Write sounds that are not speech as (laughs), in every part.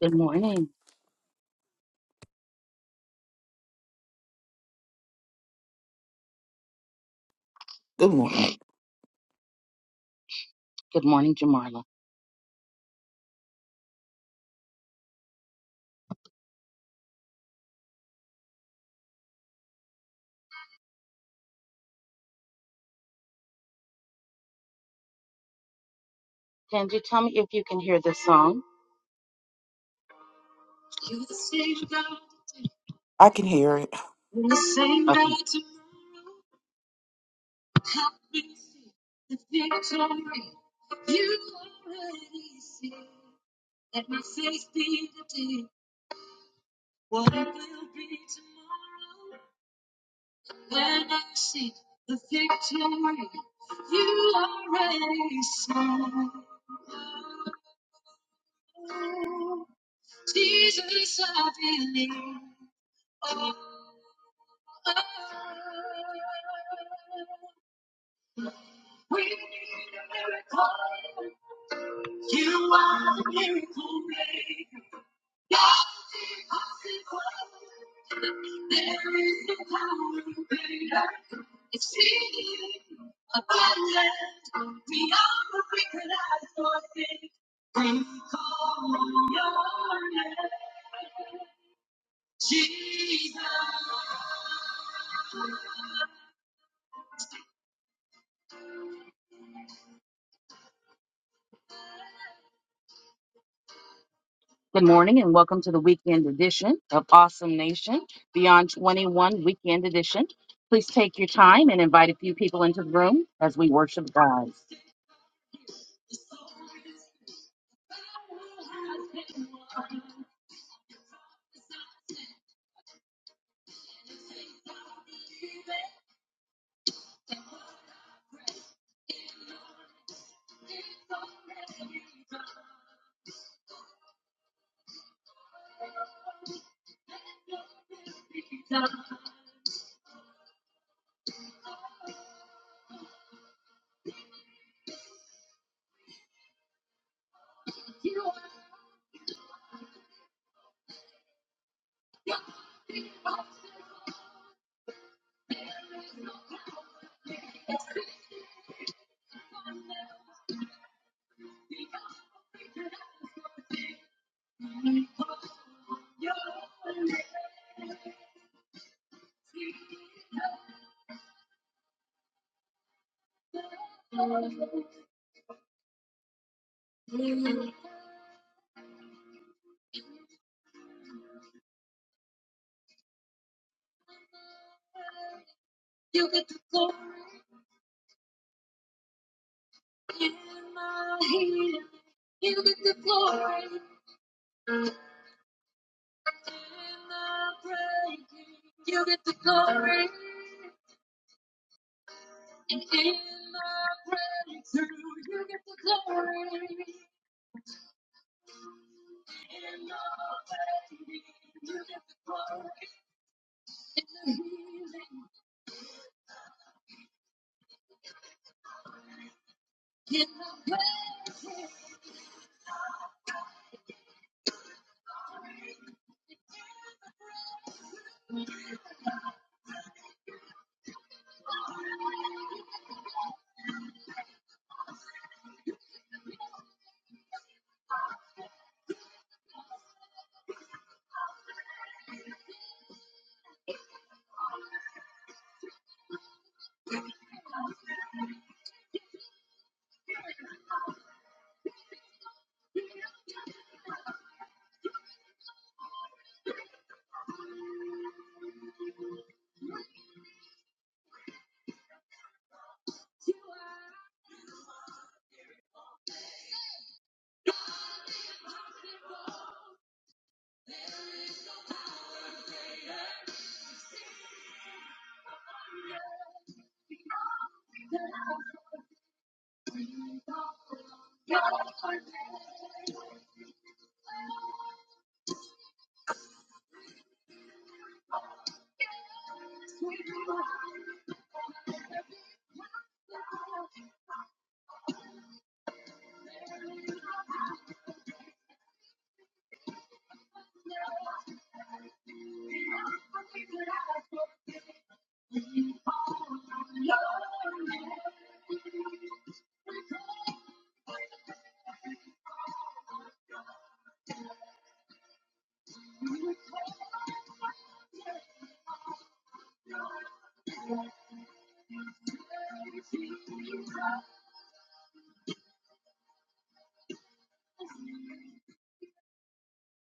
Good morning. Good morning. Good morning, Jamarla. Can you tell me if you can hear this song. I can hear it. Okay. Good morning and welcome to the weekend edition of Awesome Nation, Beyond 21 Weekend Edition. Please take your time and invite a few people into the room as we worship God.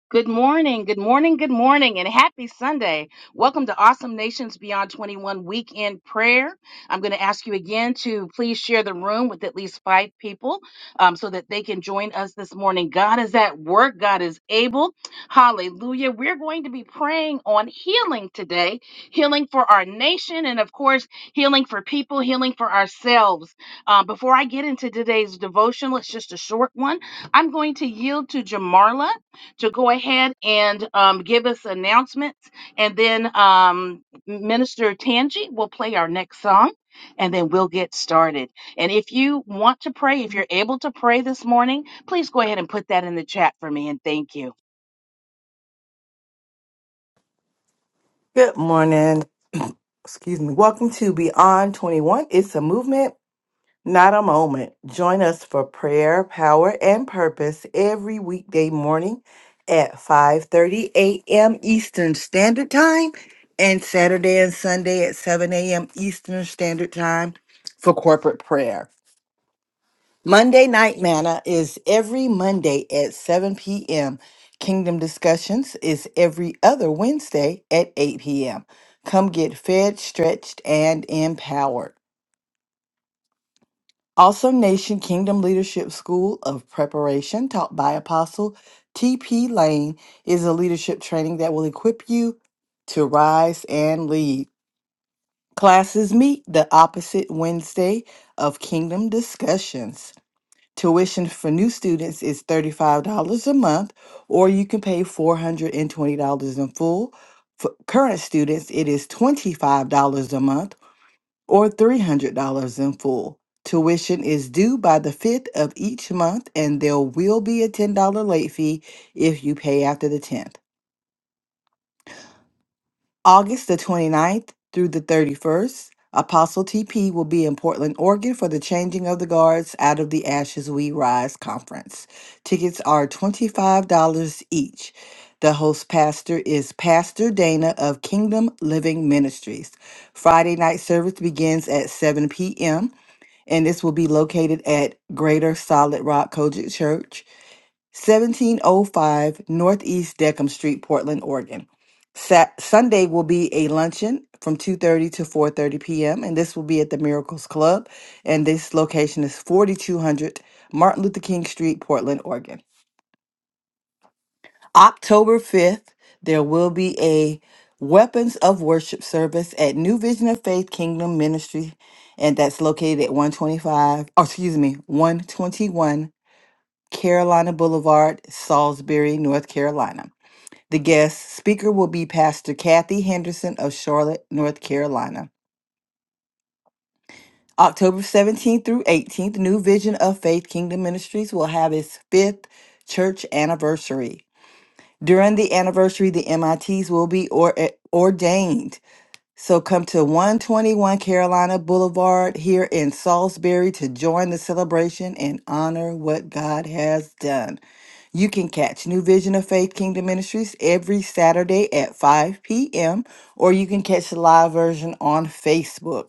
Good morning, good morning, good morning, and happy Sunday. Welcome to Awesome Nations Beyond 21 Weekend Prayer. I'm going to ask you again to please share the room with at least five people um, so that they can join us this morning. God is at work, God is able. Hallelujah. We're going to be praying on healing today healing for our nation, and of course, healing for people, healing for ourselves. Uh, before I get into today's devotional, it's just a short one. I'm going to yield to Jamarla to go ahead and um, give us announcements. And then um, Minister Tangi will play our next song and then we'll get started. And if you want to pray, if you're able to pray this morning, please go ahead and put that in the chat for me. And thank you. Good morning. (clears throat) Excuse me. Welcome to Beyond 21. It's a movement, not a moment. Join us for prayer, power, and purpose every weekday morning at 5:30 a.m. Eastern Standard Time and Saturday and Sunday at 7 a.m. Eastern Standard Time for corporate prayer. Monday Night Manna is every Monday at 7 p.m. Kingdom Discussions is every other Wednesday at 8 p.m. Come get fed, stretched, and empowered. Also, Nation Kingdom Leadership School of Preparation, taught by Apostle T.P. Lane, is a leadership training that will equip you to rise and lead. Classes meet the opposite Wednesday of Kingdom Discussions. Tuition for new students is $35 a month, or you can pay $420 in full. For current students, it is $25 a month or $300 in full. Tuition is due by the 5th of each month, and there will be a $10 late fee if you pay after the 10th. August the 29th through the 31st, Apostle TP will be in Portland, Oregon for the Changing of the Guards Out of the Ashes We Rise conference. Tickets are $25 each. The host pastor is Pastor Dana of Kingdom Living Ministries. Friday night service begins at 7 p.m. and this will be located at Greater Solid Rock Kojic Church. 1705 Northeast Deckham Street, Portland, Oregon. Sat- Sunday will be a luncheon from 2:30 to 4:30 p.m. and this will be at the Miracles Club and this location is 4200 Martin Luther King Street, Portland, Oregon. October 5th, there will be a Weapons of Worship service at New Vision of Faith Kingdom Ministry and that's located at 125, or excuse me, 121 Carolina Boulevard, Salisbury, North Carolina. The guest speaker will be Pastor Kathy Henderson of Charlotte, North Carolina. October 17th through 18th, New Vision of Faith Kingdom Ministries will have its fifth church anniversary. During the anniversary, the MITs will be or- eh, ordained. So come to 121 Carolina Boulevard here in Salisbury to join the celebration and honor what God has done. You can catch New Vision of Faith Kingdom Ministries every Saturday at 5 p.m., or you can catch the live version on Facebook.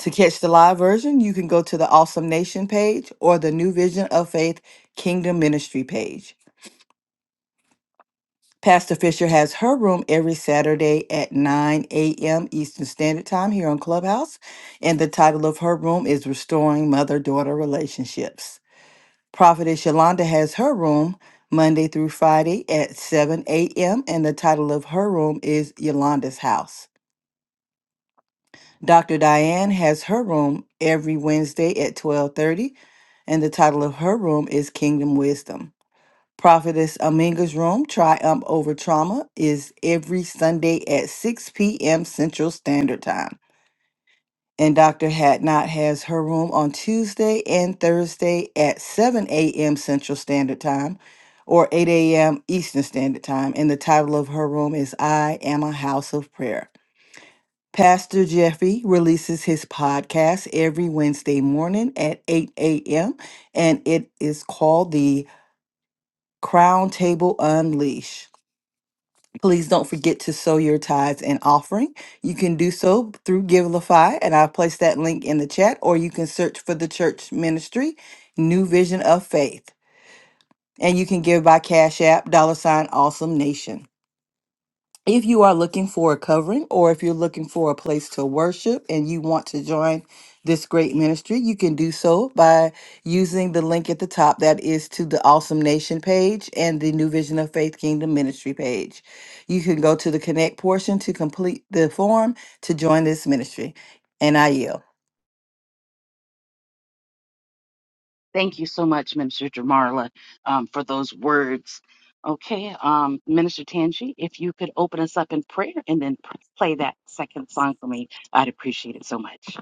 To catch the live version, you can go to the Awesome Nation page or the New Vision of Faith Kingdom Ministry page. Pastor Fisher has her room every Saturday at 9 a.m. Eastern Standard Time here on Clubhouse, and the title of her room is Restoring Mother Daughter Relationships. Prophetess Yolanda has her room Monday through Friday at 7 a.m., and the title of her room is Yolanda's House. Dr. Diane has her room every Wednesday at 12:30, and the title of her room is Kingdom Wisdom. Prophetess Aminga's room, Triumph Over Trauma, is every Sunday at 6 p.m. Central Standard Time. And Dr. Hatnot has her room on Tuesday and Thursday at 7 a.m. Central Standard Time or 8 a.m. Eastern Standard Time. And the title of her room is I Am a House of Prayer. Pastor Jeffy releases his podcast every Wednesday morning at 8 a.m. and it is called the Crown Table Unleash. Please don't forget to sow your tithes and offering. You can do so through Givelify, and I'll place that link in the chat, or you can search for the church ministry, New Vision of Faith. And you can give by Cash App, dollar sign, awesome nation. If you are looking for a covering or if you're looking for a place to worship and you want to join this great ministry, you can do so by using the link at the top that is to the Awesome Nation page and the New Vision of Faith Kingdom Ministry page. You can go to the connect portion to complete the form to join this ministry. And I yield. Thank you so much, Minister Jamarla, um, for those words. Okay, um, Minister Tangi, if you could open us up in prayer and then pr- play that second song for me, I'd appreciate it so much.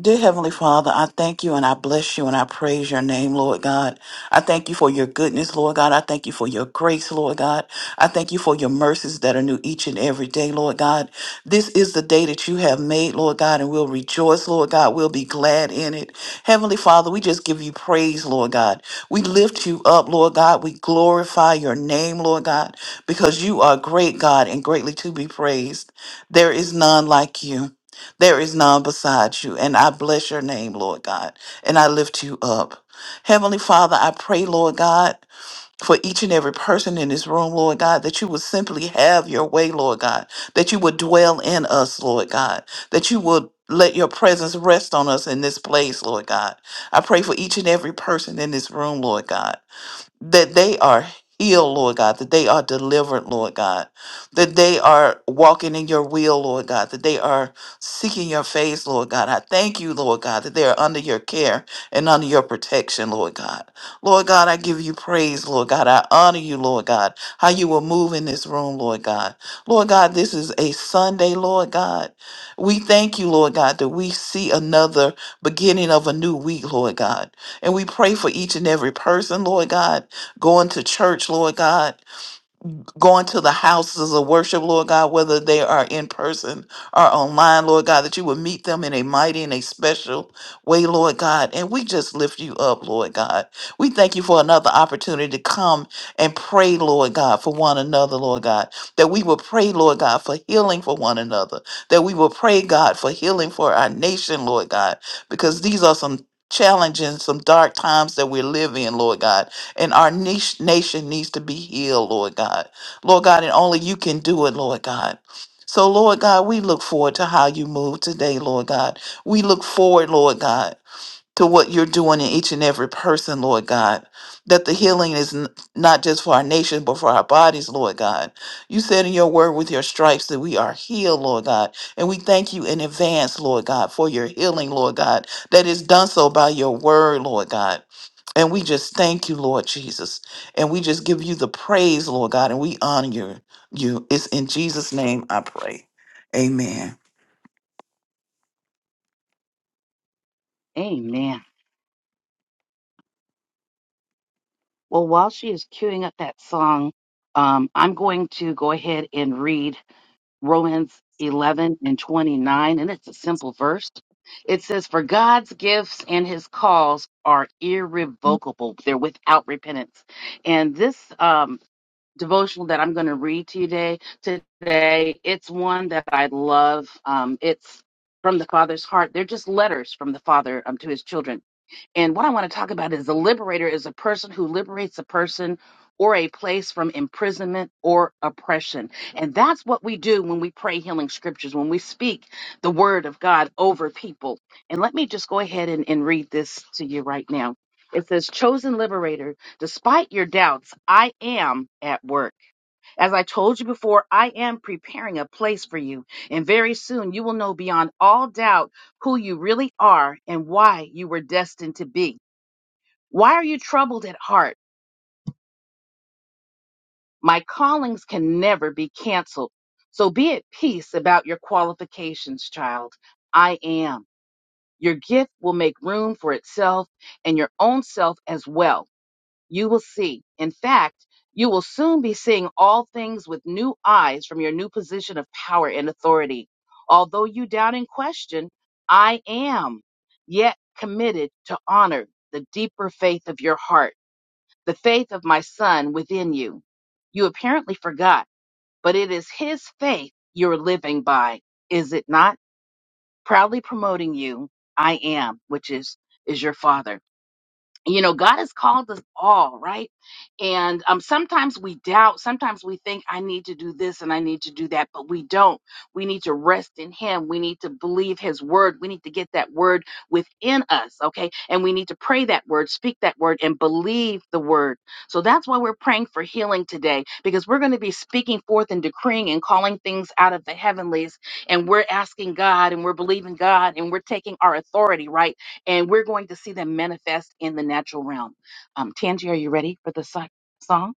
Dear Heavenly Father, I thank you and I bless you and I praise your name, Lord God. I thank you for your goodness, Lord God. I thank you for your grace, Lord God. I thank you for your mercies that are new each and every day, Lord God. This is the day that you have made, Lord God, and we'll rejoice, Lord God. We'll be glad in it. Heavenly Father, we just give you praise, Lord God. We lift you up, Lord God. We glorify your name, Lord God, because you are great, God, and greatly to be praised. There is none like you. There is none beside you, and I bless your name, Lord God, and I lift you up. Heavenly Father, I pray, Lord God, for each and every person in this room, Lord God, that you would simply have your way, Lord God, that you would dwell in us, Lord God, that you would let your presence rest on us in this place, Lord God. I pray for each and every person in this room, Lord God that they are healed, Lord God, that they are delivered, Lord God, that they are walking in your will, Lord God, that they are seeking your face, Lord God. I thank you, Lord God, that they are under your care and under your protection, Lord God. Lord God, I give you praise, Lord God. I honor you, Lord God, how you will move in this room, Lord God. Lord God, this is a Sunday, Lord God. We thank you, Lord God, that we see another beginning of a new week, Lord God. And we pray for each and every person, Lord God going to church, Lord God going to the houses of worship, Lord God, whether they are in person or online, Lord God, that you would meet them in a mighty and a special way, Lord God. And we just lift you up, Lord God. We thank you for another opportunity to come and pray, Lord God, for one another, Lord God. That we will pray, Lord God, for healing for one another. That we will pray, God, for healing for our nation, Lord God, because these are some challenging, some dark times that we live in, Lord God and our niche nation needs to be healed, Lord God. Lord God, and only you can do it, Lord God. So, Lord God, we look forward to how you move today, Lord God. We look forward, Lord God, to what you're doing in each and every person, Lord God. That the healing is n- not just for our nation, but for our bodies, Lord God. You said in your word with your stripes that we are healed, Lord God. And we thank you in advance, Lord God, for your healing, Lord God, that is done so by your word, Lord God. And we just thank you, Lord Jesus. And we just give you the praise, Lord God, and we honor you. you. It's in Jesus' name I pray. Amen. Amen. Well, while she is queuing up that song, um, I'm going to go ahead and read Romans 11 and 29, and it's a simple verse. It says, For God's gifts and his calls are irrevocable, they're without repentance. And this um, devotional that I'm going to read to you today, today, it's one that I love. Um, it's from the Father's heart. They're just letters from the Father um, to his children. And what I want to talk about is the liberator is a person who liberates a person or a place from imprisonment or oppression. And that's what we do when we pray healing scriptures, when we speak the word of God over people. And let me just go ahead and, and read this to you right now. It says, Chosen liberator, despite your doubts, I am at work. As I told you before, I am preparing a place for you. And very soon you will know beyond all doubt who you really are and why you were destined to be. Why are you troubled at heart? My callings can never be canceled. So be at peace about your qualifications, child. I am. Your gift will make room for itself and your own self as well. You will see. In fact, you will soon be seeing all things with new eyes from your new position of power and authority. Although you doubt and question, I am, yet committed to honor the deeper faith of your heart the faith of my son within you. You apparently forgot, but it is his faith you're living by, is it not? Proudly promoting you, I am, which is, is your father you know god has called us all right and um sometimes we doubt sometimes we think i need to do this and i need to do that but we don't we need to rest in him we need to believe his word we need to get that word within us okay and we need to pray that word speak that word and believe the word so that's why we're praying for healing today because we're going to be speaking forth and decreeing and calling things out of the heavenlies and we're asking god and we're believing god and we're taking our authority right and we're going to see them manifest in the natural realm. Um, Tangi, are you ready for the si- song?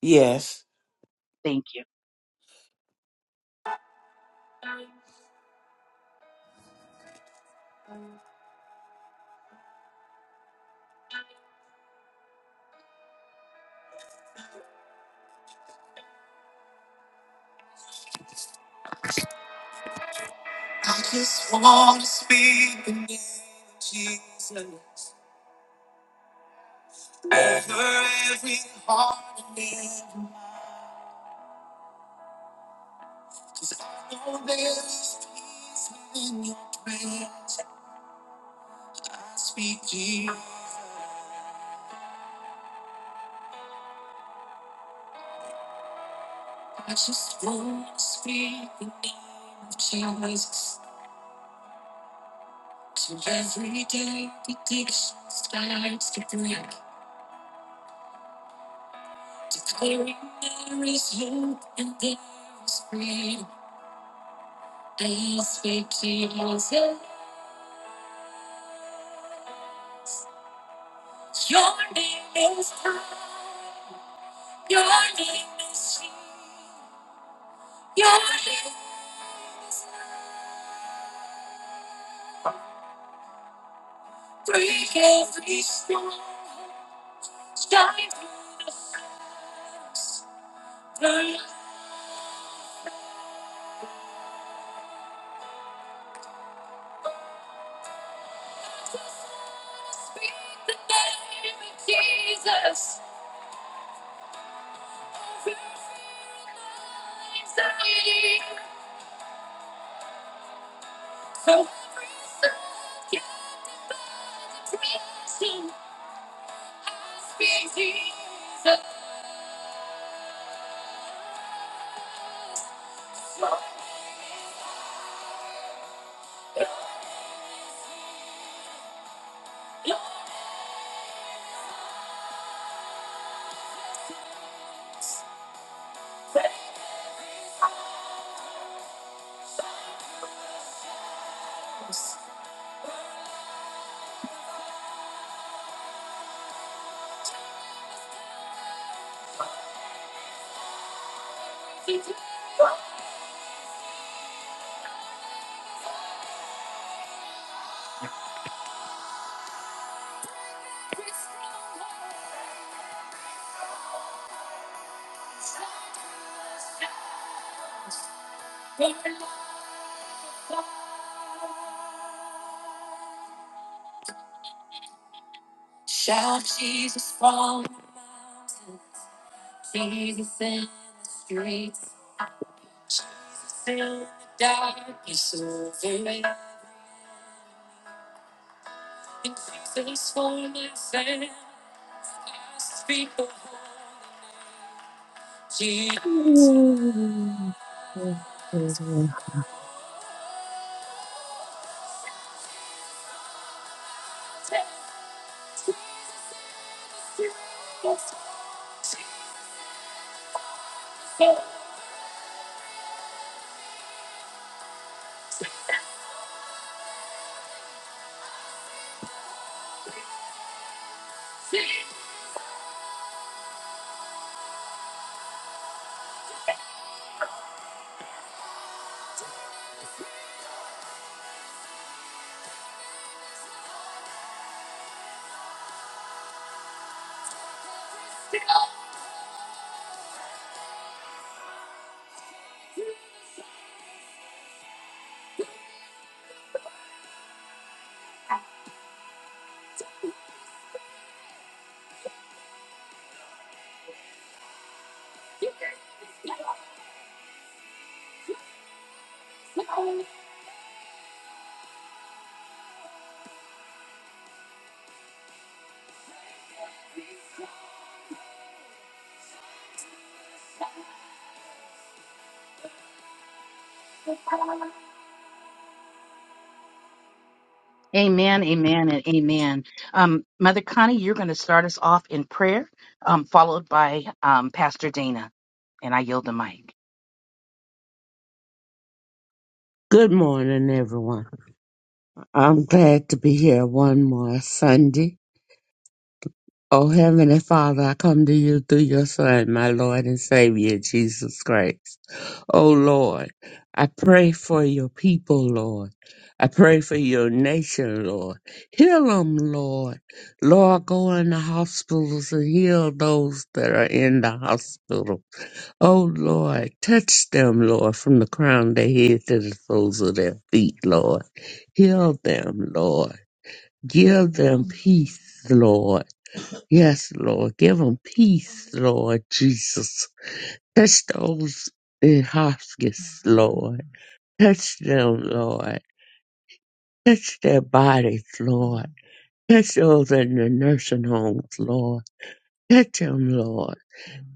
Yes. Thank you. Good Amen, amen, and amen. Um, Mother Connie, you're going to start us off in prayer, um, followed by um, Pastor Dana, and I yield the mic. morning, everyone. I'm glad to be here one more Sunday. Oh, Heavenly Father, I come to you through your Son, my Lord and Savior, Jesus Christ. Oh, Lord, I pray for your people, Lord. I pray for your nation, Lord. Heal them, Lord. Lord, go in the hospitals and heal those that are in the hospital. Oh Lord, touch them, Lord, from the crown of their head to the soles of their feet, Lord. Heal them, Lord. Give them peace, Lord. Yes, Lord. Give them peace, Lord Jesus. Touch those in hospice, Lord. Touch them, Lord. Touch their bodies, Lord. Touch those in the nursing homes, Lord. Touch them, Lord.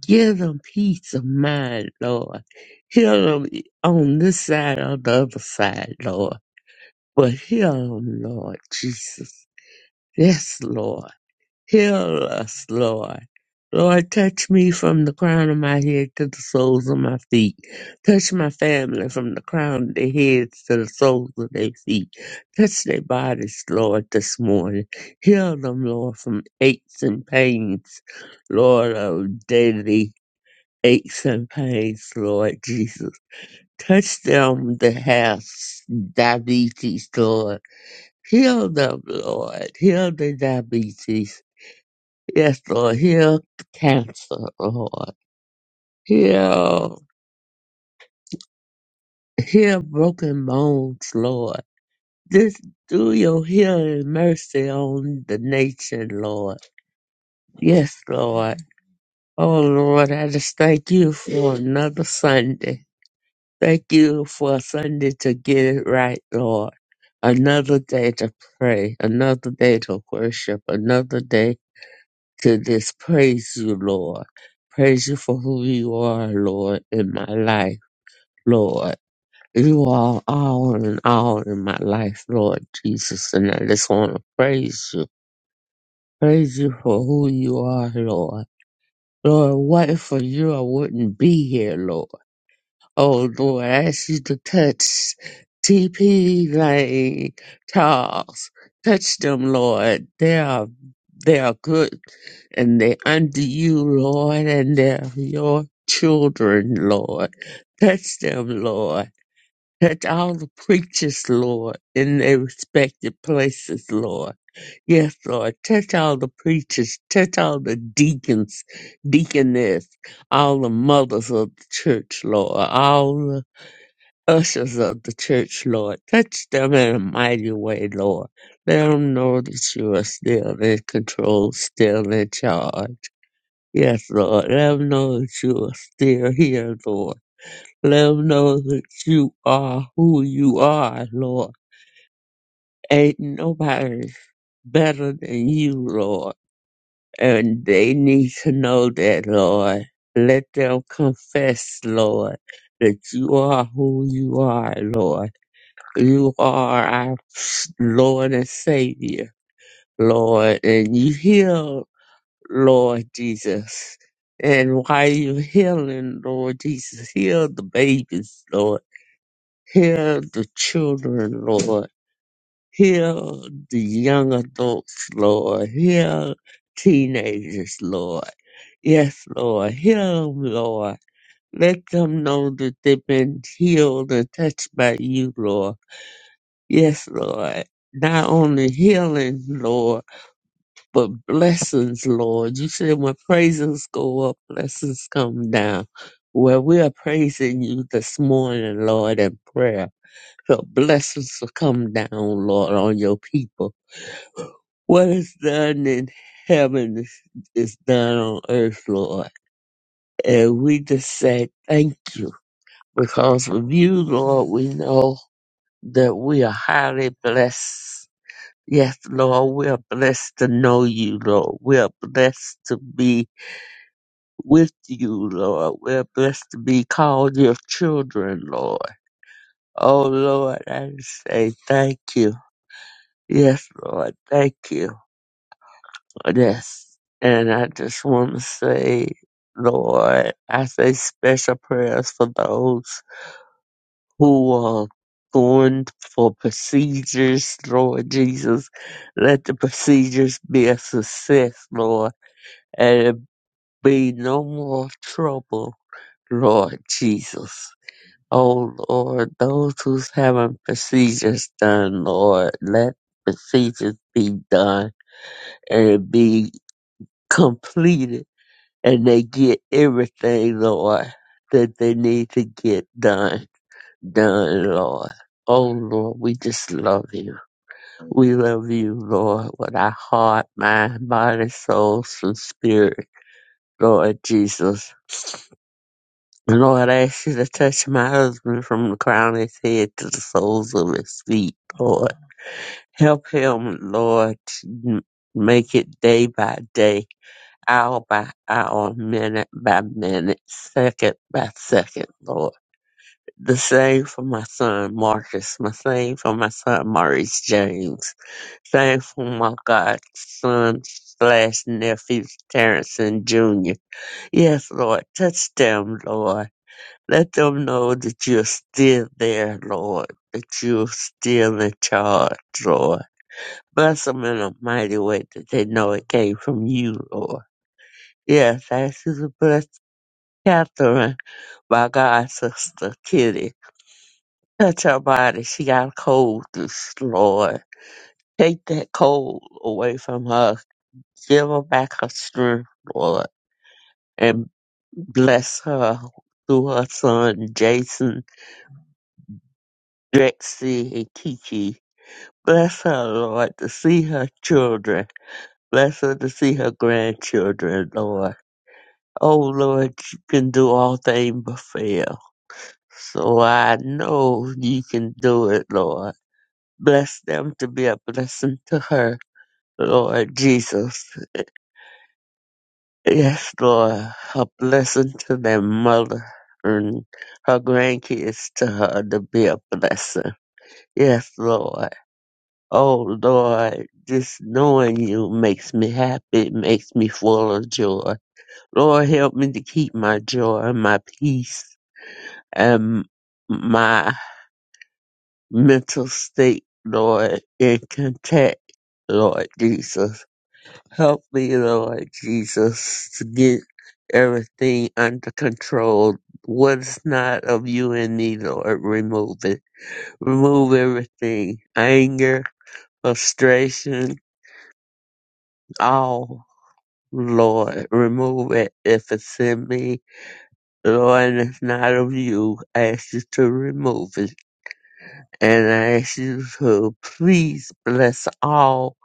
Give them peace of mind, Lord. Heal them on this side or the other side, Lord. But heal them, Lord Jesus. Yes, Lord. Heal us, Lord. Lord, touch me from the crown of my head to the soles of my feet. Touch my family from the crown of their heads to the soles of their feet. Touch their bodies, Lord, this morning. Heal them, Lord, from aches and pains, Lord, of daily aches and pains, Lord Jesus. Touch them that have diabetes, Lord. Heal them, Lord. Heal the diabetes. Yes, Lord. Heal cancer, Lord. Heal, heal broken bones, Lord. Just do your healing mercy on the nation, Lord. Yes, Lord. Oh, Lord, I just thank you for another Sunday. Thank you for Sunday to get it right, Lord. Another day to pray, another day to worship, another day to just praise you, Lord. Praise you for who you are, Lord, in my life, Lord. You are all in all in my life, Lord Jesus, and I just want to praise you. Praise you for who you are, Lord. Lord, what if you I wouldn't be here, Lord? Oh Lord, I ask you to touch TP Lane, Charles. Touch them, Lord. They are they are good and they under you, Lord, and they're your children, Lord. Touch them, Lord. Touch all the preachers, Lord, in their respective places, Lord. Yes, Lord. Touch all the preachers. Touch all the deacons, deaconess, all the mothers of the church, Lord. All the ushers of the church, Lord. Touch them in a mighty way, Lord. Let them know that you are still in control, still in charge. Yes, Lord. Let them know that you are still here, Lord. Let them know that you are who you are, Lord. Ain't nobody better than you, Lord. And they need to know that, Lord. Let them confess, Lord, that you are who you are, Lord You are our Lord and Savior, Lord, and you heal, Lord Jesus. And while you're healing, Lord Jesus, heal the babies, Lord. Heal the children, Lord. Heal the young adults, Lord. Heal teenagers, Lord. Yes, Lord. Heal them, Lord. Let them know that they've been healed and touched by you, Lord. Yes, Lord. Not only healing, Lord, but blessings, Lord. You said when praises go up, blessings come down. Well, we are praising you this morning, Lord, in prayer. So blessings will come down, Lord, on your people. What is done in heaven is, is done on earth, Lord. And we just say thank you because of you, Lord, we know that we are highly blessed Yes, Lord, we are blessed to know you, Lord. We are blessed to be with you, Lord. We are blessed to be called your children, Lord. Oh, Lord, I just say thank you. Yes, Lord, thank you. Yes. And I just want to say, Lord, I say special prayers for those who are going for procedures, Lord Jesus. Let the procedures be a success, Lord and it be no more trouble, Lord Jesus. Oh Lord, those who's having procedures done, Lord, let procedures be done and it be completed and they get everything, Lord, that they need to get done, done, Lord. Oh Lord, we just love you. We love you, Lord, with our heart, mind, body, soul, and spirit, Lord Jesus. Lord, I ask you to touch my husband from the crown of his head to the soles of his feet, Lord. Help him, Lord, to m- make it day by day, hour by hour, minute by minute, second by second, Lord. The same for my son Marcus, my same for my son Maurice James, same for my godson slash nephew Terrence Jr. Yes, Lord, touch them, Lord let them know that you're still there, Lord, that you're still in charge, Lord. Bless them in a mighty way that they know it came from you, Lord. Yes, I ask you to bless Catherine, my God sister Kitty. Touch her body. She got a cold, this Lord. Take that cold away from her. Give her back her strength, Lord. And bless her through her son, Jason, Drexy, and Kiki. Bless her, Lord, to see her children. Bless her to see her grandchildren, Lord. Oh, Lord, you can do all things but fail. So I know you can do it, Lord. Bless them to be a blessing to her, Lord Jesus. Yes, Lord, a blessing to their mother and her grandkids to her to be a blessing. Yes, Lord. Oh Lord, just knowing you makes me happy, it makes me full of joy. Lord, help me to keep my joy, my peace, and my mental state, Lord, in contact, Lord Jesus. Help me, Lord Jesus, to get everything under control. What is not of you in me, Lord, remove it. Remove everything. Anger, frustration, all. Lord, remove it if it's in me. Lord, and it's not of you. I ask you to remove it. And I ask you to please bless all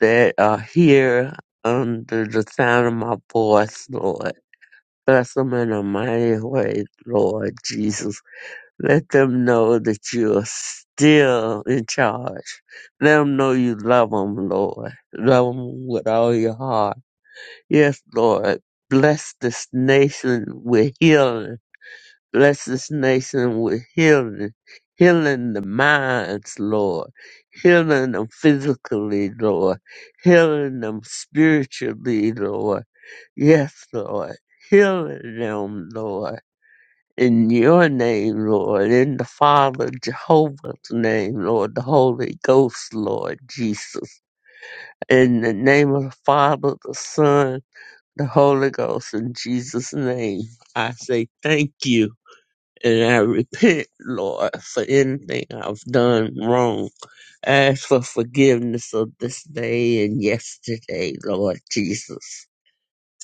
that are here under the sound of my voice, Lord. Bless them in a mighty way, Lord Jesus. Let them know that you are still in charge. Let them know you love them, Lord. Love them with all your heart Yes, Lord. Bless this nation with healing. Bless this nation with healing. Healing the minds, Lord. Healing them physically, Lord. Healing them spiritually, Lord. Yes, Lord. Healing them, Lord. In your name, Lord. In the Father, Jehovah's name, Lord. The Holy Ghost, Lord Jesus. In the name of the Father, the Son, the Holy Ghost in Jesus' name. I say thank you and I repent, Lord, for anything I've done wrong. Ask for forgiveness of this day and yesterday, Lord Jesus.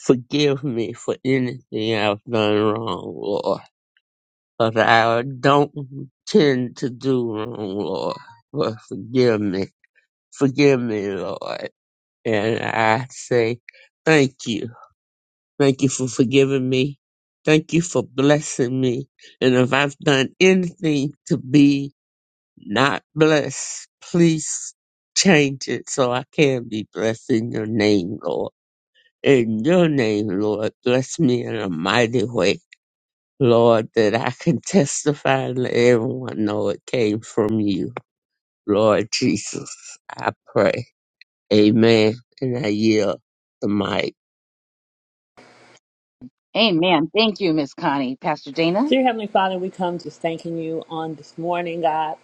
Forgive me for anything I've done wrong, Lord. But I don't tend to do wrong, Lord. But forgive me. Forgive me, Lord. And I say thank you Thank you for forgiving me. Thank you for blessing me. And if I've done anything to be not blessed, please change it so I can be blessed in your name, Lord. In your name, Lord, bless me in a mighty way, Lord, that I can testify and let everyone know it came from you. Lord Jesus, I pray. Amen. And I yield the mic. Amen. Thank you, Miss Connie. Pastor Dana? Dear Heavenly Father, we come just thanking you on this morning, God.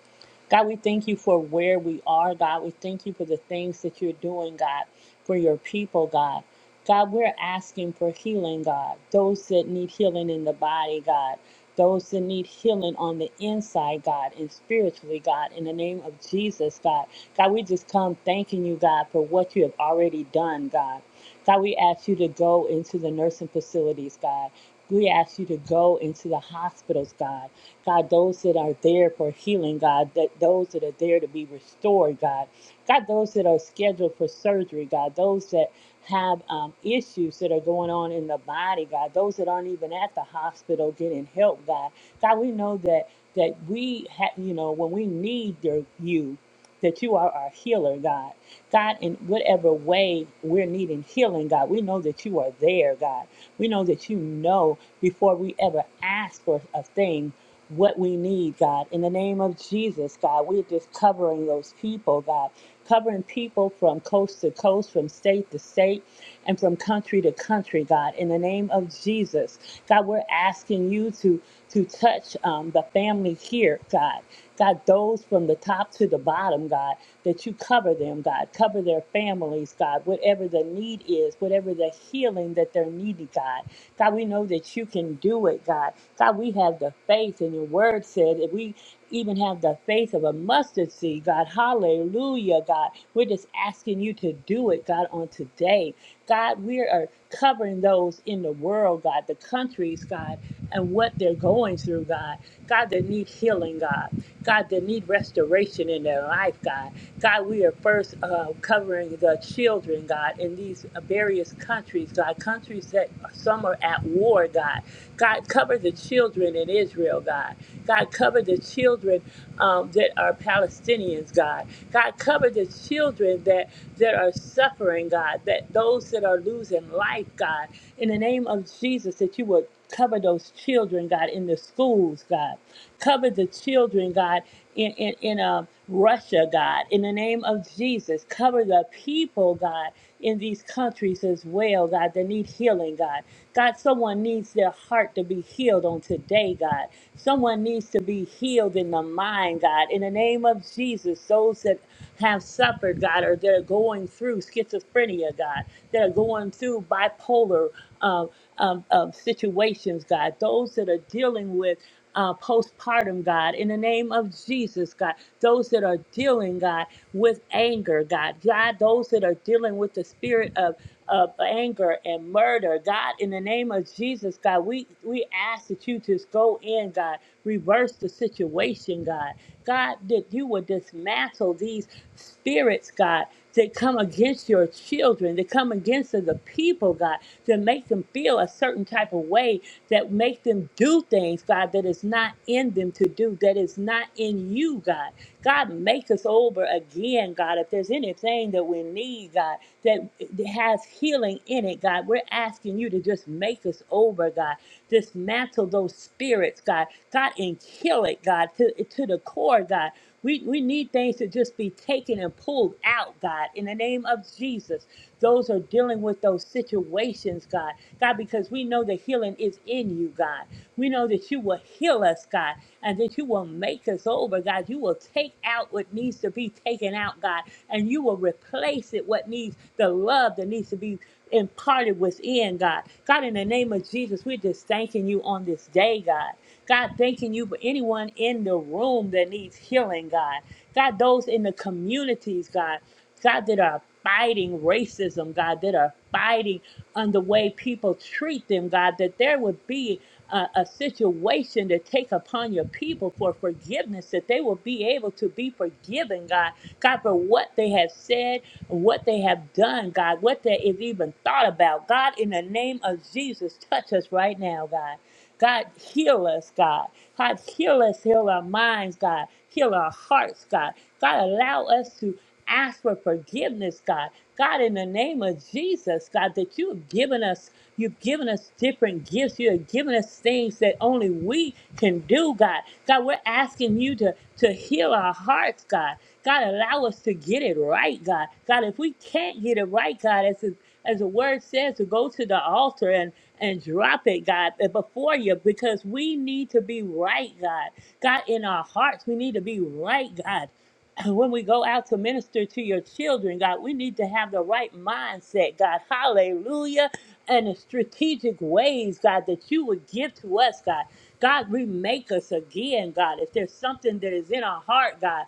God, we thank you for where we are, God. We thank you for the things that you're doing, God, for your people, God. God, we're asking for healing, God. Those that need healing in the body, God. Those that need healing on the inside, God, and spiritually, God, in the name of Jesus, God. God, we just come thanking you, God, for what you have already done, God. God, we ask you to go into the nursing facilities, God. We ask you to go into the hospitals, God. God, those that are there for healing, God, that those that are there to be restored, God. God, those that are scheduled for surgery, God, those that have um, issues that are going on in the body, God, those that aren't even at the hospital getting help, God. God, we know that that we have, you know, when we need your, you that you are our healer, God. God, in whatever way we're needing healing, God, we know that you are there, God. We know that you know before we ever ask for a thing what we need, God. In the name of Jesus, God, we're just covering those people, God. Covering people from coast to coast, from state to state, and from country to country, God. In the name of Jesus, God, we're asking you to to touch um, the family here, God. God, those from the top to the bottom, God, that you cover them, God, cover their families, God, whatever the need is, whatever the healing that they're needing, God. God, we know that you can do it, God. God, we have the faith, and your word said if we even have the faith of a mustard seed, God, hallelujah, God. We're just asking you to do it, God, on today. God, we are covering those in the world, God, the countries, God and what they're going through, God. God, they need healing, God. God, they need restoration in their life, God. God, we are first uh, covering the children, God, in these uh, various countries, God, countries that some are at war, God. God, cover the children in Israel, God. God, cover the children um, that are Palestinians, God. God, cover the children that, that are suffering, God, that those that are losing life, God. In the name of Jesus, that you would Cover those children, God, in the schools, God. Cover the children, God, in, in, in um, Russia, God, in the name of Jesus. Cover the people, God, in these countries as well, God, that need healing, God. God, someone needs their heart to be healed on today, God. Someone needs to be healed in the mind, God. In the name of Jesus, those that have suffered, God, or that are going through schizophrenia, God, that are going through bipolar um, um, um, situations, God, those that are dealing with uh, postpartum, God, in the name of Jesus, God, those that are dealing, God, with anger, God, God, those that are dealing with the spirit of, of anger and murder, God, in the name of Jesus, God, we, we ask that you just go in, God, reverse the situation, God, God, that you would dismantle these spirits, God, they come against your children. They come against the people, God, to make them feel a certain type of way that make them do things, God, that is not in them to do, that is not in you, God. God, make us over again, God. If there's anything that we need, God, that has healing in it, God, we're asking you to just make us over, God. Dismantle those spirits, God. God, and kill it, God, to, to the core, God. We, we need things to just be taken and pulled out, God, in the name of Jesus. Those are dealing with those situations, God. God, because we know the healing is in you, God. We know that you will heal us, God, and that you will make us over, God. You will take out what needs to be taken out, God, and you will replace it, what needs the love that needs to be imparted within, God. God, in the name of Jesus, we're just thanking you on this day, God. God, thanking you for anyone in the room that needs healing, God. God, those in the communities, God. God, that are fighting racism, God, that are fighting on the way people treat them, God, that there would be a, a situation to take upon your people for forgiveness, that they will be able to be forgiven, God. God, for what they have said, what they have done, God, what they have even thought about. God, in the name of Jesus, touch us right now, God. God, heal us, God. God, heal us, heal our minds, God. Heal our hearts, God. God, allow us to ask for forgiveness, God. God, in the name of Jesus, God, that you have given us, you've given us different gifts. You have given us things that only we can do, God. God, we're asking you to, to heal our hearts, God. God, allow us to get it right, God. God, if we can't get it right, God, as the, as the word says, to go to the altar and and drop it, God, uh, before you because we need to be right, God. God, in our hearts, we need to be right, God. (clears throat) When we go out to minister to your children, God, we need to have the right mindset, God. Hallelujah. And the strategic ways, God, that you would give to us, God. God, remake us again, God. If there's something that is in our heart, God,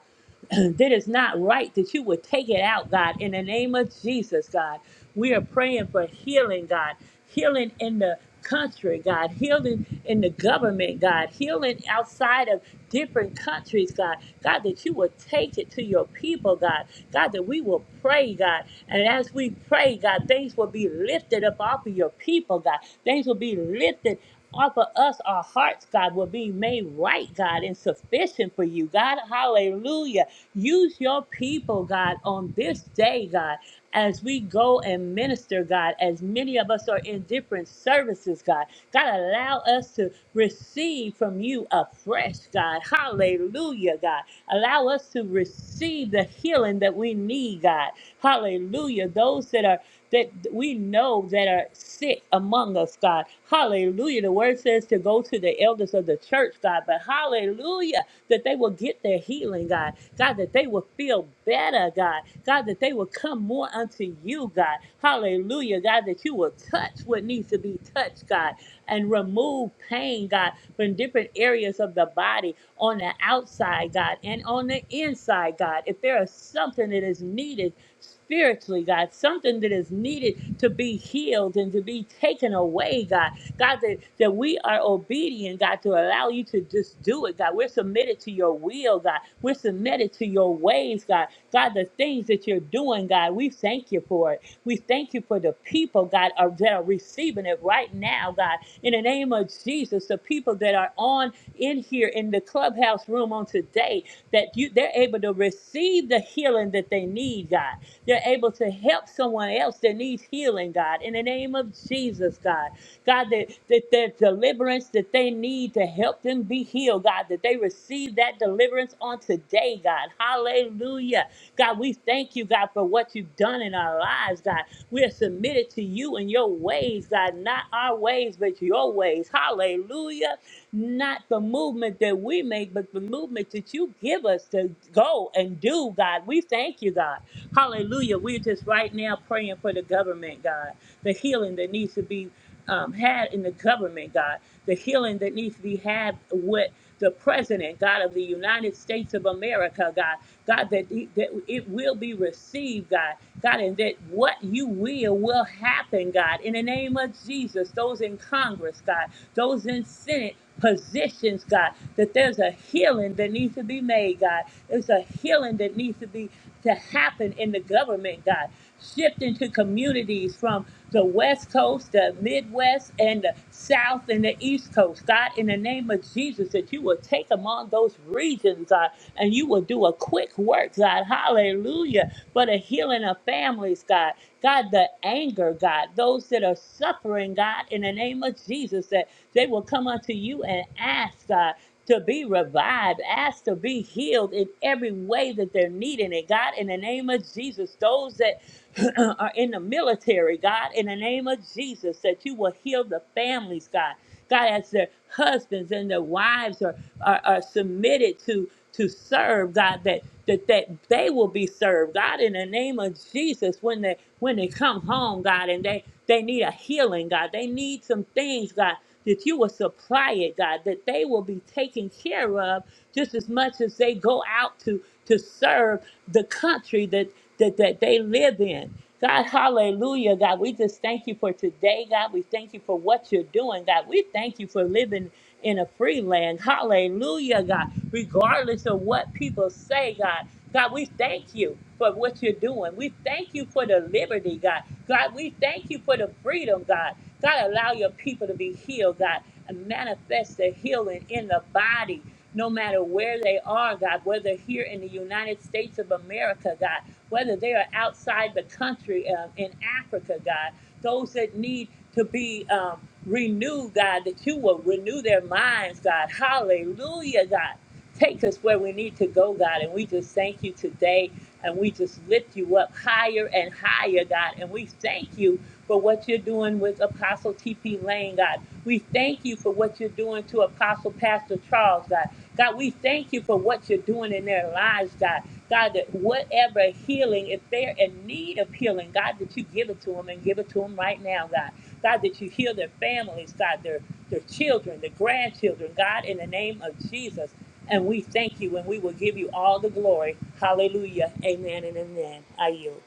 (clears throat) that is not right that you would take it out, God, in the name of Jesus, God. We are praying for healing, God, healing in the country, God, healing in the government, God, healing outside of different countries, God. God, that you will take it to your people, God. God, that we will pray, God. And as we pray, God, things will be lifted up off of your people, God. Things will be lifted off of us, our hearts, God, will be made right, God, and sufficient for you, God. Hallelujah. Use your people, God, on this day, God, as we go and minister, God, as many of us are in different services, God. God, allow us to receive from you afresh, God. Hallelujah, God. Allow us to receive the healing that we need, God. Hallelujah. Those that are that we know that are sick among us, God. Hallelujah. The word says to go to the elders of the church, God. But hallelujah that they will get their healing, God. God, that they will feel better, God. God, that they will come more unto you, God. Hallelujah, God, that you will touch what needs to be touched, God, and remove pain, God, from different areas of the body on the outside, God, and on the inside, God. If there is something that is needed spiritually, God, something that is needed to be healed and to be taken away, God, God, that, that we are obedient, God, to allow you to just do it, God. We're submitted to your will, God. We're submitted to your ways, God. God, the things that you're doing, God, we thank you for it. We thank you for the people, God, are, that are receiving it right now, God. In the name of Jesus, the people that are on in here in the clubhouse room on today, that you they're able to receive the healing that they need, God. They're able to help someone else that needs healing, God. In the name of Jesus, God. God, that, that that deliverance that they need to help them be healed, God, that they receive that deliverance on today, God. Hallelujah. God, we thank you, God, for what you've done in our lives, God. We are submitted to you and your ways, God, not our ways, but your ways. Hallelujah. Not the movement that we make, but the movement that you give us to go and do, God. We thank you, God. Hallelujah. We're just right now praying for the government, God. The healing that needs to be um, had in the government, God. The healing that needs to be had with the president, God, of the United States of America, God, God, that, he- that it will be received, God, God, and that what you will will happen, God, in the name of Jesus, those in Congress, God, those in Senate positions, God, that there's a healing that needs to be made, God. There's a healing that needs to be to happen in the government, God shifting to communities from the West Coast, the Midwest, and the South and the East Coast. God, in the name of Jesus, that you will take among those regions, God, and you will do a quick work, God. Hallelujah. For the healing of families, God. God, the anger, God, those that are suffering, God, in the name of Jesus, that they will come unto you and ask, God to be revived, ask to be healed in every way that they're needing it. God, in the name of Jesus, those that (clears throat) are in the military, God, in the name of Jesus, that you will heal the families, God. God, as their husbands and their wives are, are, are submitted to to serve, God, that, that that they will be served, God, in the name of Jesus, when they when they come home, God, and they they need a healing, God. They need some things, God that you will supply it, God, that they will be taken care of just as much as they go out to to serve the country that that, that they live in. God, hallelujah, God. We just thank you for today, God. We thank you for what you're doing, God. We thank you for living in a free land. Hallelujah, God. Regardless of what people say, God. God, we thank you for what you're doing. We thank you for the liberty, God. God, we thank you for the freedom, God. God, allow your people to be healed, God, and manifest the healing in the body, no matter where they are, God, whether here in the United States of America, God, whether they are outside the country uh, in Africa, God, those that need to be um, renewed, God, that you will renew their minds, God. Hallelujah, God. Take us where we need to go, God, and we just thank you today and we just lift you up higher and higher, God. And we thank you for what you're doing with Apostle T.P. Lane, God. We thank you for what you're doing to Apostle Pastor Charles, God. God, we thank you for what you're doing in their lives, God. God, that whatever healing, if they're in need of healing, God, that you give it to them and give it to them right now, God. God, that you heal their families, God, their, their children, their grandchildren, God, in the name of Jesus. And we thank you and we will give you all the glory. Hallelujah. Amen and amen. I yield.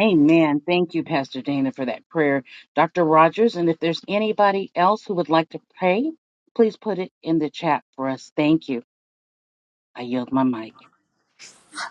Amen. Thank you, Pastor Dana, for that prayer. Dr. Rogers, and if there's anybody else who would like to pray, please put it in the chat for us. Thank you. I yield my mic.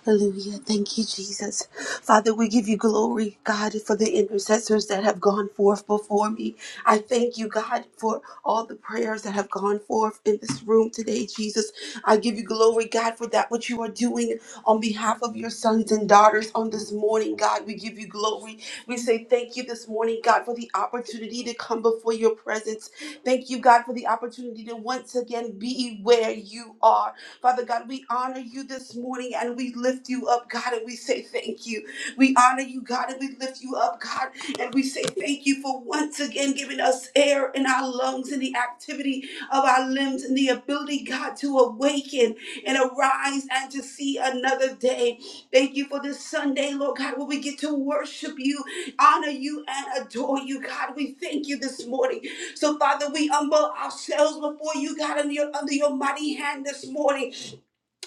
Hallelujah. Thank you, Jesus. Father, we give you glory, God, for the intercessors that have gone forth before me. I thank you, God, for all the prayers that have gone forth in this room today, Jesus. I give you glory, God, for that what you are doing on behalf of your sons and daughters on this morning, God. We give you glory. We say thank you this morning, God, for the opportunity to come before your presence. Thank you, God, for the opportunity to once again be where you are. Father God, we honor you this morning and we lift you up, God, and we say thank you. We honor you, God, and we lift you up, God, and we say thank you for once again giving us air in our lungs and the activity of our limbs and the ability, God, to awaken and arise and to see another day. Thank you for this Sunday, Lord God, where we get to worship you, honor you, and adore you, God. We thank you this morning. So, Father, we humble ourselves before you, God, under your, under your mighty hand this morning.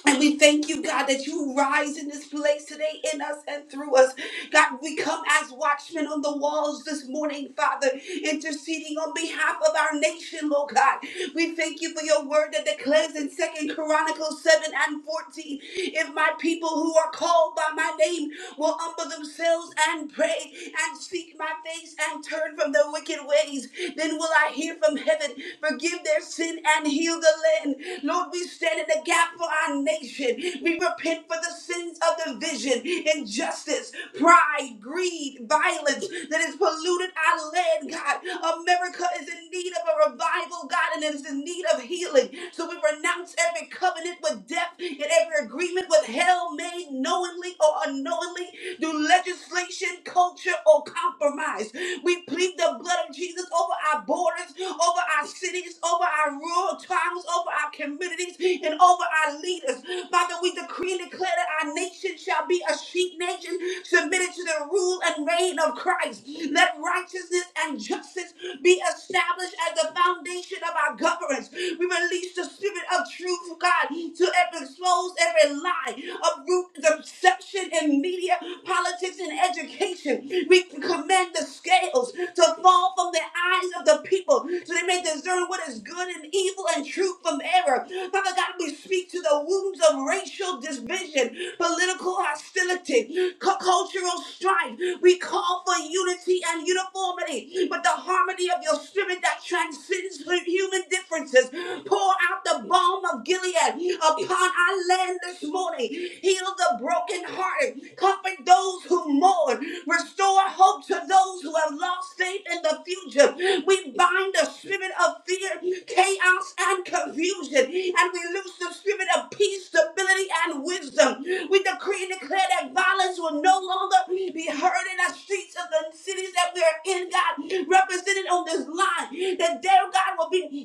And we thank you, God, that you rise in this place today in us and through us. God, we come as watchmen on the walls this morning, Father, interceding on behalf of our nation, Lord God. We thank you for your word that declares in Second Chronicles 7 and 14, if my people who are called by my name will humble themselves and pray and seek my face and turn from their wicked ways, then will I hear from heaven, forgive their sin and heal the land. Lord, we stand in the gap for our our nation. We repent for the sins of division, injustice, pride, greed, violence that has polluted our land, God. America is in need of a revival, God, and it is in need of healing. So we renounce every covenant with death and every agreement with hell made knowingly or unknowingly through legislation, culture, or compromise. We plead the blood of Jesus over our borders, over over our cities, over our rural towns, over our communities, and over our leaders. Father, we decree and declare that our nation shall be a sheep nation submitted to the rule and reign of Christ. Let righteousness and justice be established as the foundation of our governance. We release the spirit of truth, God, to expose every lie, uproot deception in media, politics, and education. We command the scales to fall from the eyes of the people so they may discern what is good and evil and truth from error. Father God, we speak to the wounds of racial division, political hostility, cu- cultural strife. We call for unity and uniformity, but the harmony of your spirit that transcends human differences. Pour out the balm of Gilead upon our land this this morning. Heal the brokenhearted. Comfort those who mourn. Restore hope to those who have lost faith in the future. We bind the spirit of fear, chaos, and confusion. And we loose the spirit of peace, stability, and wisdom. We decree and declare that violence will no longer be heard in the streets of the cities that we are in, God, represented on this line. That there, God, will be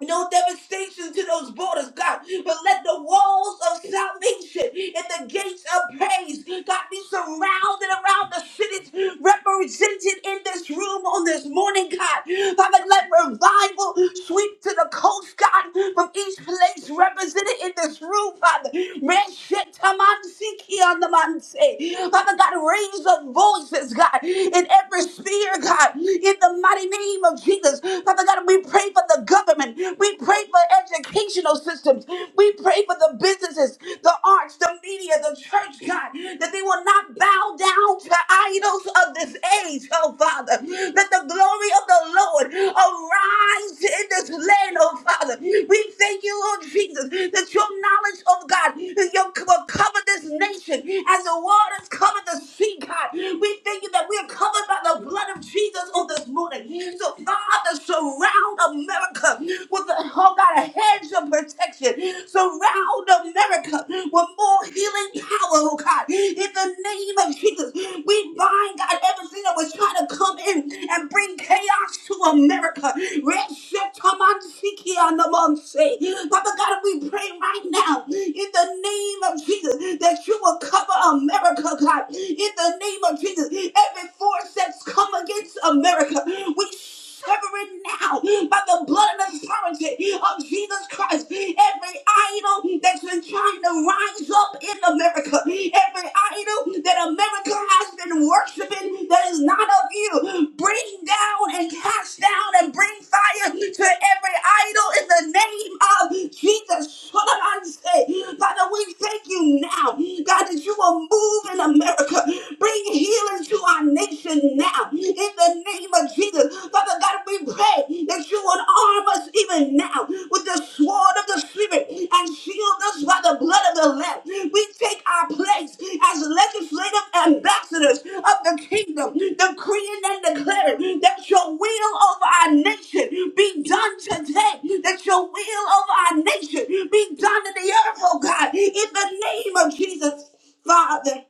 no devastation to those borders, God. But let the walls of salvation and the gates of praise, God, be surrounded around the cities represented in this room on this morning, God. Father, let revival sweep to the coast, God, from each place represented in this room, Father. Reshetamansikianamanse. Father God, raise up voices, God, in every sphere, God, in the mighty name of Jesus. Father Father God, we pray for the government. We pray for educational systems. We pray for the businesses, the arts, the media, the church, God, that they will not bow down to idols of this age, oh Father. That the glory of the Lord arise in this land, oh Father. We thank you, Lord Jesus, that your knowledge of God that you will cover this nation as the waters cover the sea, God. We thank you that we are covered by the blood of Jesus on this morning building. So, Father, surround America with the, oh God, a hedge of protection. Surround America with more healing power, oh God. In the name of Jesus, we bind, God, everything that was trying to come in and bring chaos to America. Reshetamansikianamonse. Father God, we pray right now in the name of Jesus that you will cover America, God. In the name of Jesus, every force that's that's come against America. We sever it now by the blood and authority of Jesus Christ. Every idol that's been trying to rise up in America, every idol that America has been worshiping that is not of you, bring down and cast down and bring fire fire to every idol in the name of Jesus. Father, we thank you now, God, that you will move in America. Bring healing to our nation now, in the name of Jesus. Father God, we pray that you will arm us even now with the sword of the Spirit and shield us by the blood of the Lamb. We take our place place as legislative ambassadors of the kingdom, decreeing and declaring that your will over our nation be done today, that your will over our nation be done in the earth, oh God, in the name of Jesus, Father.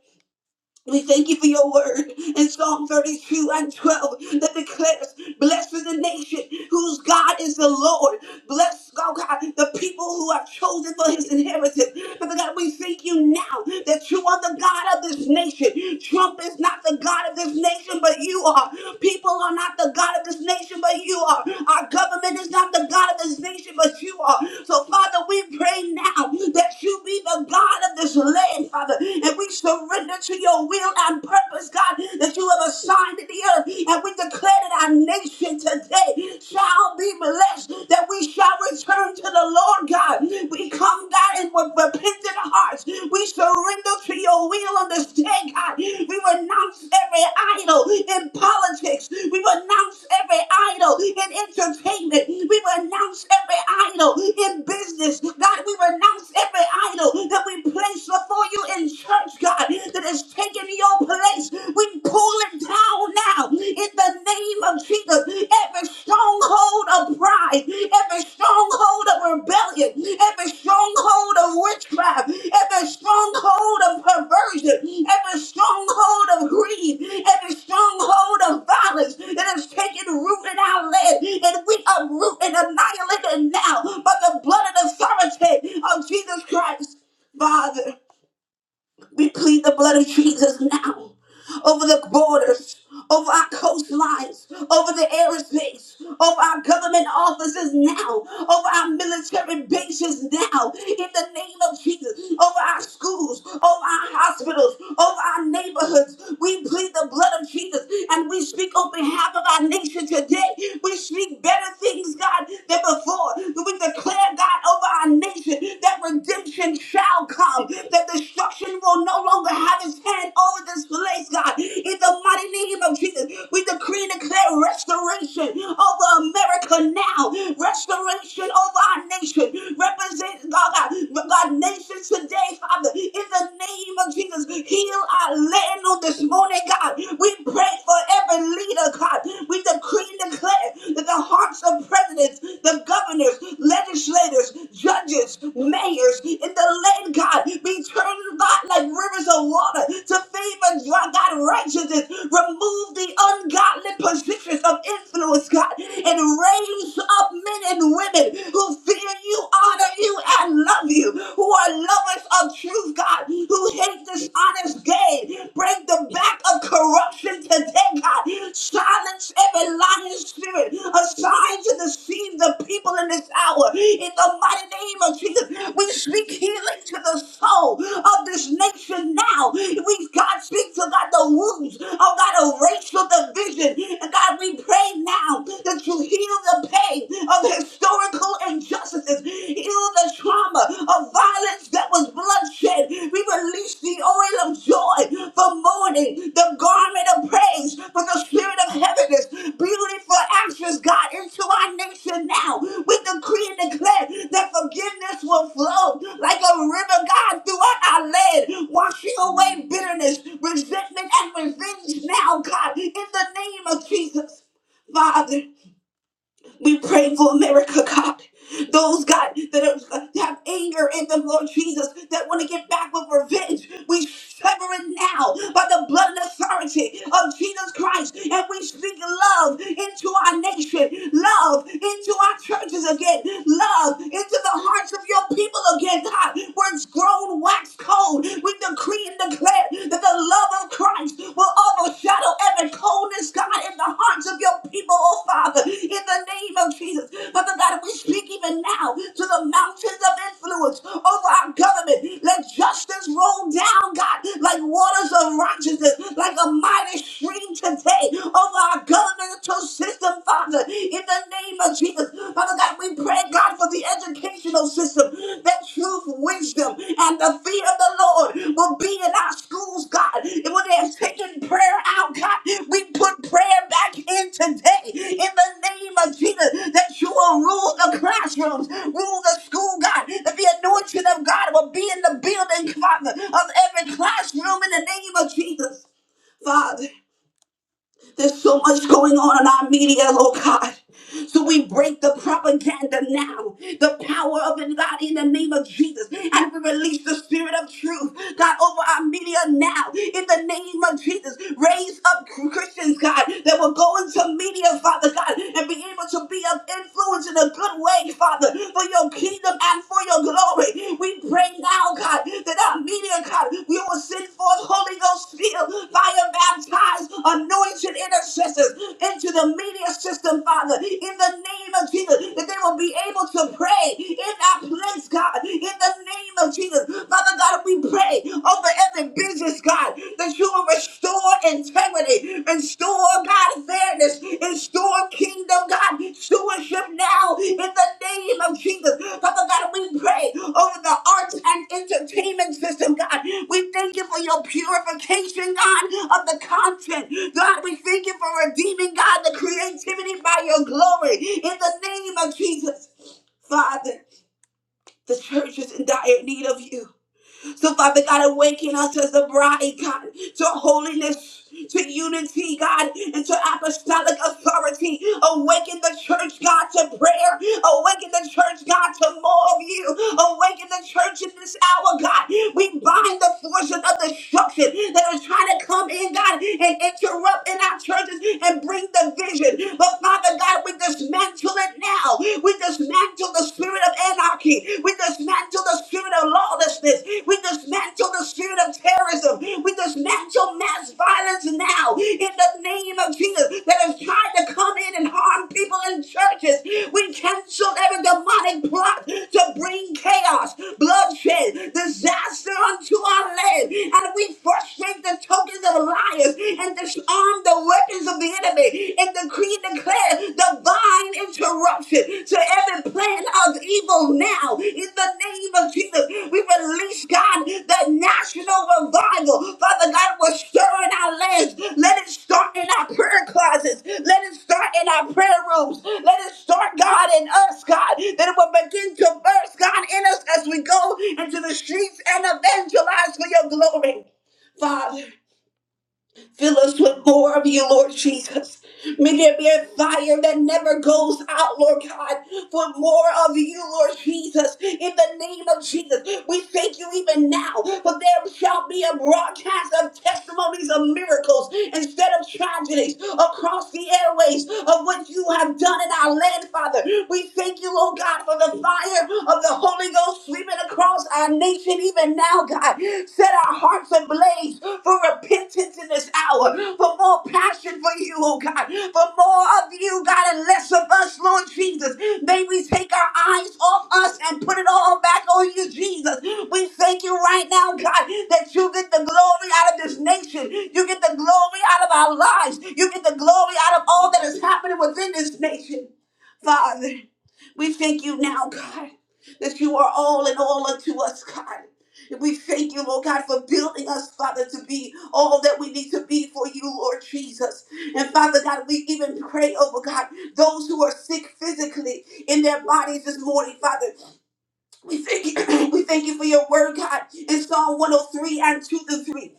We thank you for your word in Psalm 32 and 12 that declares, Blessed is the nation whose God is the Lord. Bless, oh God, the people who are chosen for his inheritance. Father God, we thank you now that you are the God of this nation. Trump is not the God of this nation, but you are. People are not the God of this nation, but you are. Our government is not the God of this nation, but you are. So, Father, we pray now that you be the God of this land, Father, and we surrender surrender to your will and purpose, God, that you have assigned to the earth. And we declare that our nation today shall be blessed, that we shall return to the Lord, God. We come, God, and with repentant hearts, we surrender to your will on this day, God. We renounce every idol in politics. We renounce every idol in entertainment. We renounce every idol in business. God, we renounce every idol that we place before you in in church, God, that has taken your place. We pull it down now in the name of Jesus. Every stronghold of pride, every stronghold of rebellion, every stronghold of witchcraft, every stronghold of perversion, every stronghold of greed, every stronghold of violence that has taken root in our land, and we uproot and annihilate it now by the blood and authority of Jesus Christ. Father. We plead the blood of Jesus now over the borders, over our coastlines, over the airspace, over our government offices now, over our military bases now, in the name of Jesus, over our schools, over our hospitals, over our neighborhoods. We plead the blood of Jesus and we speak on behalf of our nation today. We speak better things, God, than before. We declare, God, over our nation that redemption shall come, that destruction will no longer have its hand over this place, God. In the mighty name of Jesus, we decree and declare restoration over America now, restoration over our nation. Represent, God, God, God nations today, Father, in the name of Jesus, heal our land on this morning, God. We pray for every leader, God. We decree and declare that the hearts of presidents, the governors, legislators, judges, mayors in the land, God, be turned, God, like rivers of water to favor, God, God, righteousness. Remove the ungodly positions of influence, God, and raise up men and women who fear you, honor you, and love you, who are lovers of truth, God, who hate dishonest gain, today. Break the back of corruption today, God. Silence every lying spirit assigned to deceive the people in this hour. In the mighty name of Jesus, we speak healing to the soul of this nation now. We, God, speak to God the wounds of God a racial division. And God, we pray now that you heal the pain of historical injustices. Heal heal the trauma of violence that was bloodshed. We release the oil of joy for mourning, the garment of praise for the spirit of heaviness. Beautiful actions, God, into our nation now. We decree and declare that forgiveness will flow like a river, God, throughout our land, washing away bitterness, resentment, and revenge now, God, in the name of Jesus. Father. We pray for America, God. Those, God, that are- have anger in them, Lord Jesus, that want to get back with revenge, we sever it now by the blood and authority of Jesus Christ. And we speak love into our nation, love into our churches again, love into the hearts of your people again, God. Where it's grown wax cold, we decree and declare declare that the love of Christ will overshadow every coldness, God, in the hearts of your people, oh Father, in the name of Jesus. Father God, we speak even now to the mountains of influence over our government. Let justice roll down, God, like waters of righteousness, like a mighty stream today over our governmental system, Father, in the name of Jesus. Father God, we pray, God, for the educational system, that truth, wisdom, and the fear of the Lord will be in our schools, God. And when they have taken prayer out, God, we put prayer back in today in the name of Jesus that you will rule the classrooms, rule the school, God, that the anointing of God will be in the building, Father, of every classroom in the name of Jesus, Father. There's so much going on in our media, Lord God. So we break the propaganda now, the power of it, God, in the name of Jesus. And we release the spirit of truth, God, over our media now, in the name of Jesus. Raise up Christians, God, that will go into media, Father God, and be able to be of influence in a good way, Father, for your kingdom God, for your glory. We pray now, God, that our media, God, we will send forth Holy Ghost filled, fire baptized, anointed intercessors into the media system, Father, in the name of Jesus, that they will be able to pray in our place, God, in the name of Jesus. Father God, we pray over every business, God, that you will restore integrity, and store God fairness, and store kingdom God stewardship now in the name of Jesus. Father God, we pray over the arts and entertainment system, God. We thank you for your purification, God, of the content. God, we thank you for redeeming, God, the creativity by your glory in the name of Jesus. Father, the church is in dire need of you. So, Father God, awaken us as a bride, God, to holiness. To unity, God, and to apostolic authority. Awaken the church, God, to prayer. Awaken the church, God, to more of you. Awaken the church in this hour, God. We bind the forces of destruction that are trying to come in, God, and interrupt in our churches and bring division. But Father God, we dismantle it now. We dismantle dismantle the spirit of anarchy. We dismantle the spirit of lawlessness. We dismantle the spirit of terrorism. We dismantle mass violence now in the name of Jesus that has tried to come in and harm people in churches. We cancel every demonic plot to bring chaos, bloodshed, disaster onto our land. And we frustrate the tokens of liars and disarm the weapons of the enemy coming and decree and declare divine interruption to every plan of evil now. In the name of Jesus, we release, God, the national revival. Father God, will stir in our lands. Let it start in our prayer closets. Let it start in our prayer rooms. Let it start, God, in us, God. That it will begin to burst, God, in us as we go into the streets and evangelize for your glory. Father. Fill us with more of you, Lord Jesus. May there be a fire that never goes out, Lord God, for more of you, Lord Jesus. In the name of Jesus, we thank you even now, for there shall be a broadcast of testimonies of miracles instead of tragedies across the airways of what you have done in our land, Father. We thank you, Lord God, for the fire of the Holy Ghost sweeping across our nation even now, God. Set our hearts ablaze for repentance in this hour, for more passion for you, oh God, for more of you, God, and less of us, Lord Jesus. May we take our eyes off us and put it all back on you, Jesus. We thank you right now, God, that you get the glory out of this nation. You get the glory out of our lives. You get the glory out of all that is happening within this nation. Father, we thank you now, God that you are all in all unto us, God. And we thank you, Lord God, for building us, Father, to be all that we need to be for you, Lord Jesus. And Father God, we even pray over God, those who are sick physically in their bodies this morning, Father. We thank you, (clears throat) we thank you for your word, God, in Psalm 103 and 2 to 3.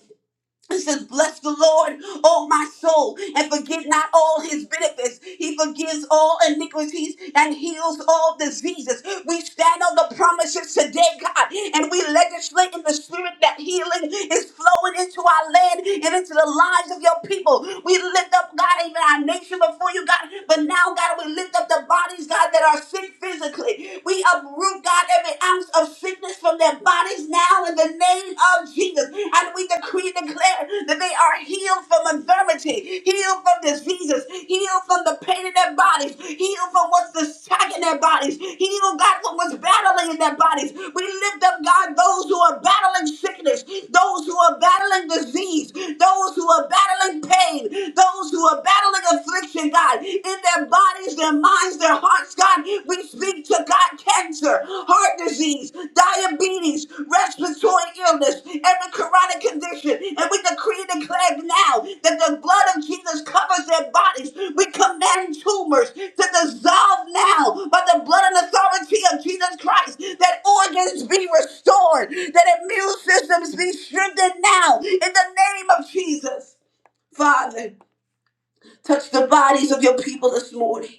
It says, Bless the Lord, oh my soul, and forget not all his benefits. He forgives all iniquities and heals all diseases. We stand on the promises today, God, and we legislate in the spirit that healing is flowing into our land and into the lives of your people. We lift up, God, even our nation before you, God, but now, God, we lift up the bodies, God, that are sick physically. We uproot, God, every ounce of sickness from their bodies now in the name of Jesus. And we decree and declare that they are healed from infirmity, healed from diseases, healed from the pain in their bodies, healed from what's the sack in their bodies, healed, God, from what's battling in their bodies. We lift up, God, those who are battling sickness, those who are battling disease, those who are battling pain, those who are battling affliction, God, in their bodies, their minds, their hearts, God. We speak to God cancer, heart disease, diabetes, respiratory illness, every chronic condition. And we decree and declare now that the blood of Jesus covers their bodies. We command tumors to dissolve now by the blood and authority of Jesus Christ, that organs be restored, that immune systems be strengthened now in the name of Jesus. Father, touch the bodies of your people this morning.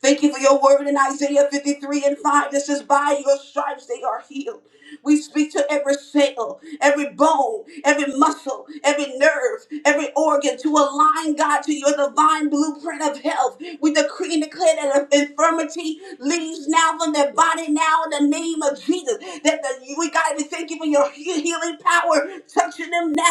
Thank you for your word in Isaiah 53 and 5 that says, By your stripes they are healed. We speak to every cell, every bone, every muscle, every nerve, every organ to align, God, to your divine blueprint of health. We decree and declare that infirmity leaves now from their body now in the name of Jesus. That the, we, God, we thank you for your he- healing power touching them now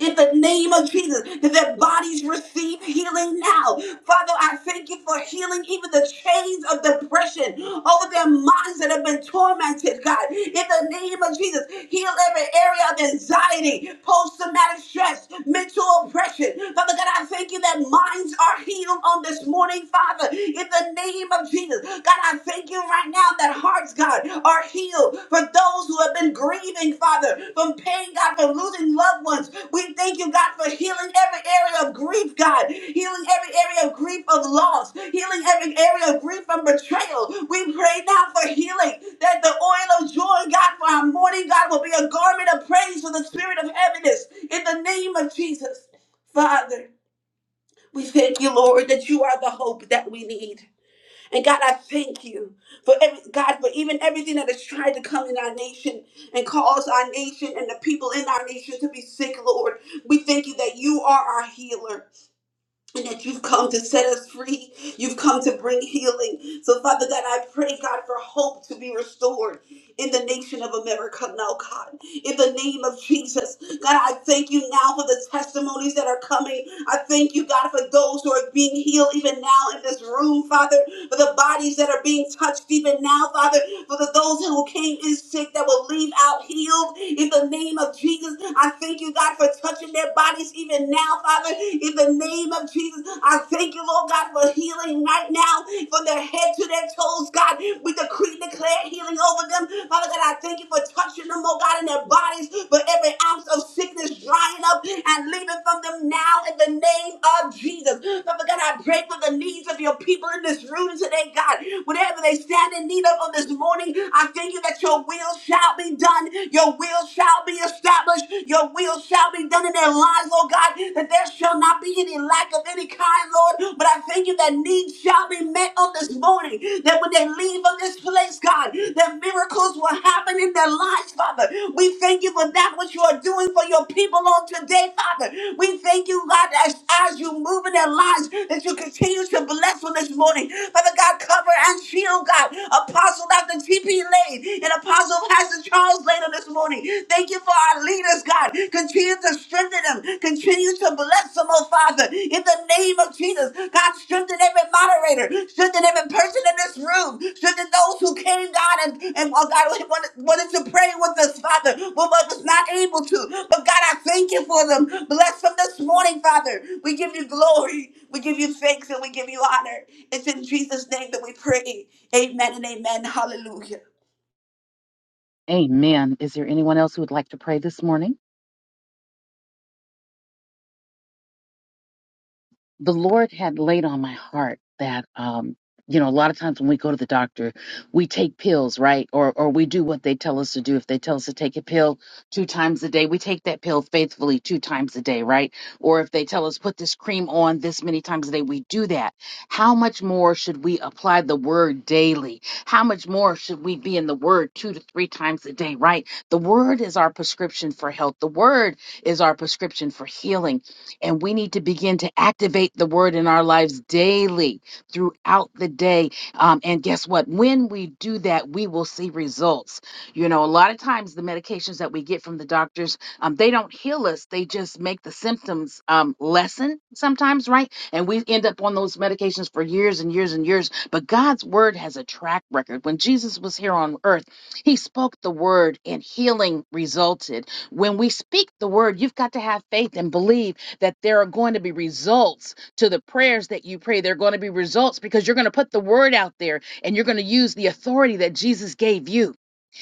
in the name of Jesus that their bodies receive healing now. Father, I thank you for healing even the chains of depression over their minds that have been tormented, God. In the name of Jesus, heal every area of anxiety, post traumatic stress, mental oppression. Father God, I thank you that minds are healed on this morning, Father. In the name of Jesus, God, I thank you right now that hearts, God, are healed for those who have been grieving, Father, from pain, God, from losing loved ones. We thank you, God, for healing every area of grief, God, healing every area of grief of loss, healing every area of grief from betrayal. We pray now for healing, that the oil of joy, God, for our mourning, God, will be a garment of praise for the spirit of heaviness in the name of Jesus. Father, we thank you, Lord, that you are the hope that we need. And God, I thank you for every, God for even everything that has tried to come in our nation and cause our nation and the people in our nation to be sick, Lord. We thank you that you are our healer and that you've come to set us free. You've come to bring healing. So, Father God, I pray, God, for hope to be restored in the nation of America now, God. In the name of Jesus. God, I thank you now for the testimonies that are coming. I thank you, God, for those who are being healed even now in this room, Father, for the bodies that are being touched even now, Father. For the those who came in sick that will leave out healed in the name of Jesus. I thank you, God, for touching their bodies even now, Father. In the name of Jesus, I thank you, Lord God, for healing right now from their head to their toes, God. We decree and declare healing over them. Father God, I thank you for touching them, oh God, in their bodies, for every ounce of sickness drying up and leaving from them now now in the name of Jesus. Father God, I pray for the needs of your people in this room today, God. Whatever they stand in need of on this morning, I thank you that your will shall be done. Your will shall be established. Your will shall be done in their lives, Lord God, that there shall not be any lack of any kind, Lord. But I thank you that needs shall be met on this morning. That when they leave on this place, God, that miracles will happen in their lives, Father. We thank you for that what you are doing for your people on today, Father. We thank you, God, as, as you move in their lives, that you continue to bless them this morning. Father God, cover and shield, God. Apostle Dr. T.P. Lane and Apostle Pastor Charles Lane on this morning. Thank you for our leaders, God. Continue to strengthen them. Continue to bless ransom, oh Father, in the name of Jesus. God, strengthen every moderator, strengthen every person in this room, strengthen those who came, God, and, and oh God, who wanted, wanted to pray with us, Father, but was not able to. But God, I thank you for them. Bless them this morning, Father. We give you glory, we give you thanks, and we give you honor. It's in Jesus' name that we pray. Amen and amen. Hallelujah. Amen. Is there anyone else who would like to pray this morning? the Lord had laid on my heart that um you know a lot of times when we go to the doctor we take pills right or or we do what they tell us to do if they tell us to take a pill two times a day we take that pill faithfully two times a day right or if they tell us put this cream on this many times a day we do that how much more should we apply the word daily how much more should we be in the word two to three times a day right the word is our prescription for health the word is our prescription for healing and we need to begin to activate the word in our lives daily throughout the day. Um, and guess what? When we do that, we will see results. You know, a lot of times the medications that we get from the doctors, um, they don't heal us, they just make the symptoms um, lessen sometimes, right? And we end up on those medications for years and years and years. But God's word has a track record. When Jesus was here on earth, he spoke the word and healing resulted. When we speak the word, you've got to have faith and believe that there are going to be results to the prayers that you pray. There are going to be results because you're going to put the word out there and you're going to use the authority that Jesus gave you.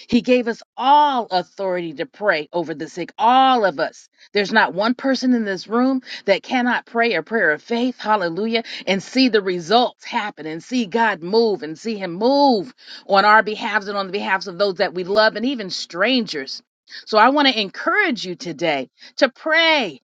He gave us all authority to pray over the sick, all of us. There's not one person in this room that cannot pray a prayer of faith, hallelujah, and see the results happen and see God move and see Him move on our behalves and on the behalves of those that we love and even strangers. So I want to encourage you today to pray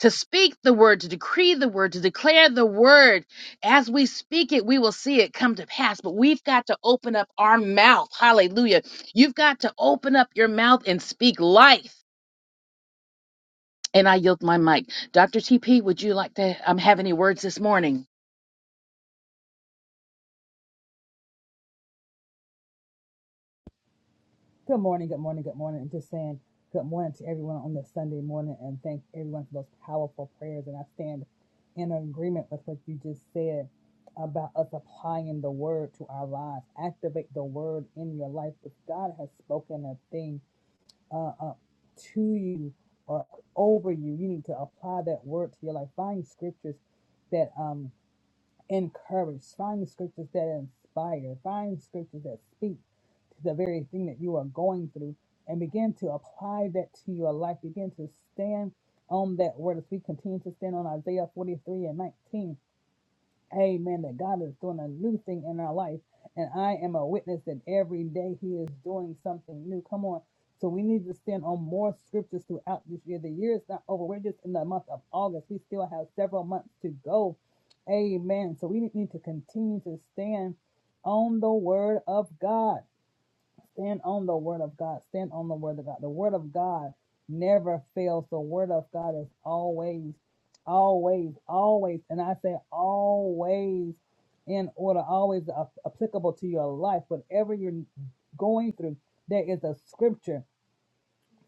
to speak the word, to decree the word, to declare the word. As we speak it, we will see it come to pass. But we've got to open up our mouth. Hallelujah. You've got to open up your mouth and speak life. And I yield my mic. Dr. TP, would you like to um, have any words this morning? Good morning, good morning, good morning. And just saying good morning to everyone on this Sunday morning and thank everyone for those powerful prayers. And I stand in agreement with what you just said about us applying the word to our lives. Activate the word in your life. If God has spoken a thing uh, uh, to you or over you, you need to apply that word to your life. Find scriptures that um, encourage. Find the scriptures that inspire. Find scriptures that speak to the very thing that you are going through and begin to apply that to your life. Begin to stand on that word as we continue to stand on Isaiah 43 and 19. Amen. That God is doing a new thing in our life. And I am a witness that every day He is doing something new. Come on. So we need to stand on more scriptures throughout this year. The year is not over. We're just in the month of August. We still have several months to go. Amen. So we need to continue to stand on the word of God. Stand on the word of God. Stand on the word of God. The word of God never fails. The word of God is always, always, always, and I say always in order, always applicable to your life. Whatever you're going through, there is a scripture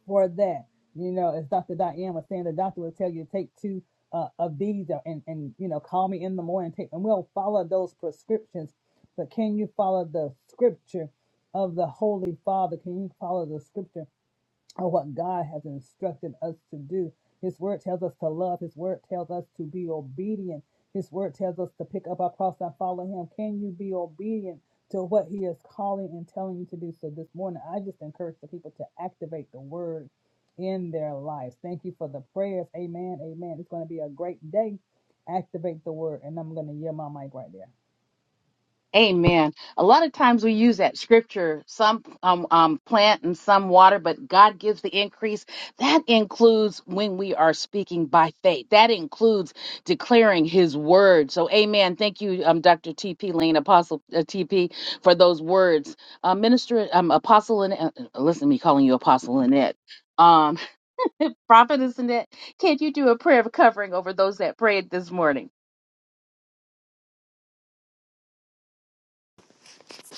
for that. You know, as Dr. Diane was saying, the doctor will tell you to take two uh, of these and, and, you know, call me in the morning. Take, and we'll follow those prescriptions. But can you follow the scripture of the Holy Father? Can you follow the scripture? or what God has instructed us to do. His word tells us to love. His word tells us to be obedient. His word tells us to pick up our cross and follow Him. Can you be obedient to what He is calling and telling you to do? So this morning, I just encourage the people to activate the word in their lives. Thank you for the prayers. Amen. Amen. It's going to be a great day. Activate the word. And I'm going to yield my mic right there. Amen. A lot of times we use that scripture, some um, um, plant and some water, but God gives the increase. That includes when we are speaking by faith. That includes declaring his word. So, amen. Thank you, um, Dr. T.P. Lane, Apostle uh, T.P., for those words. Uh, Minister, um, Apostle, and uh, uh, listen to me calling you Apostle Lynette. Um, (laughs) Prophet Lynette, can you do a prayer of covering over those that prayed this morning?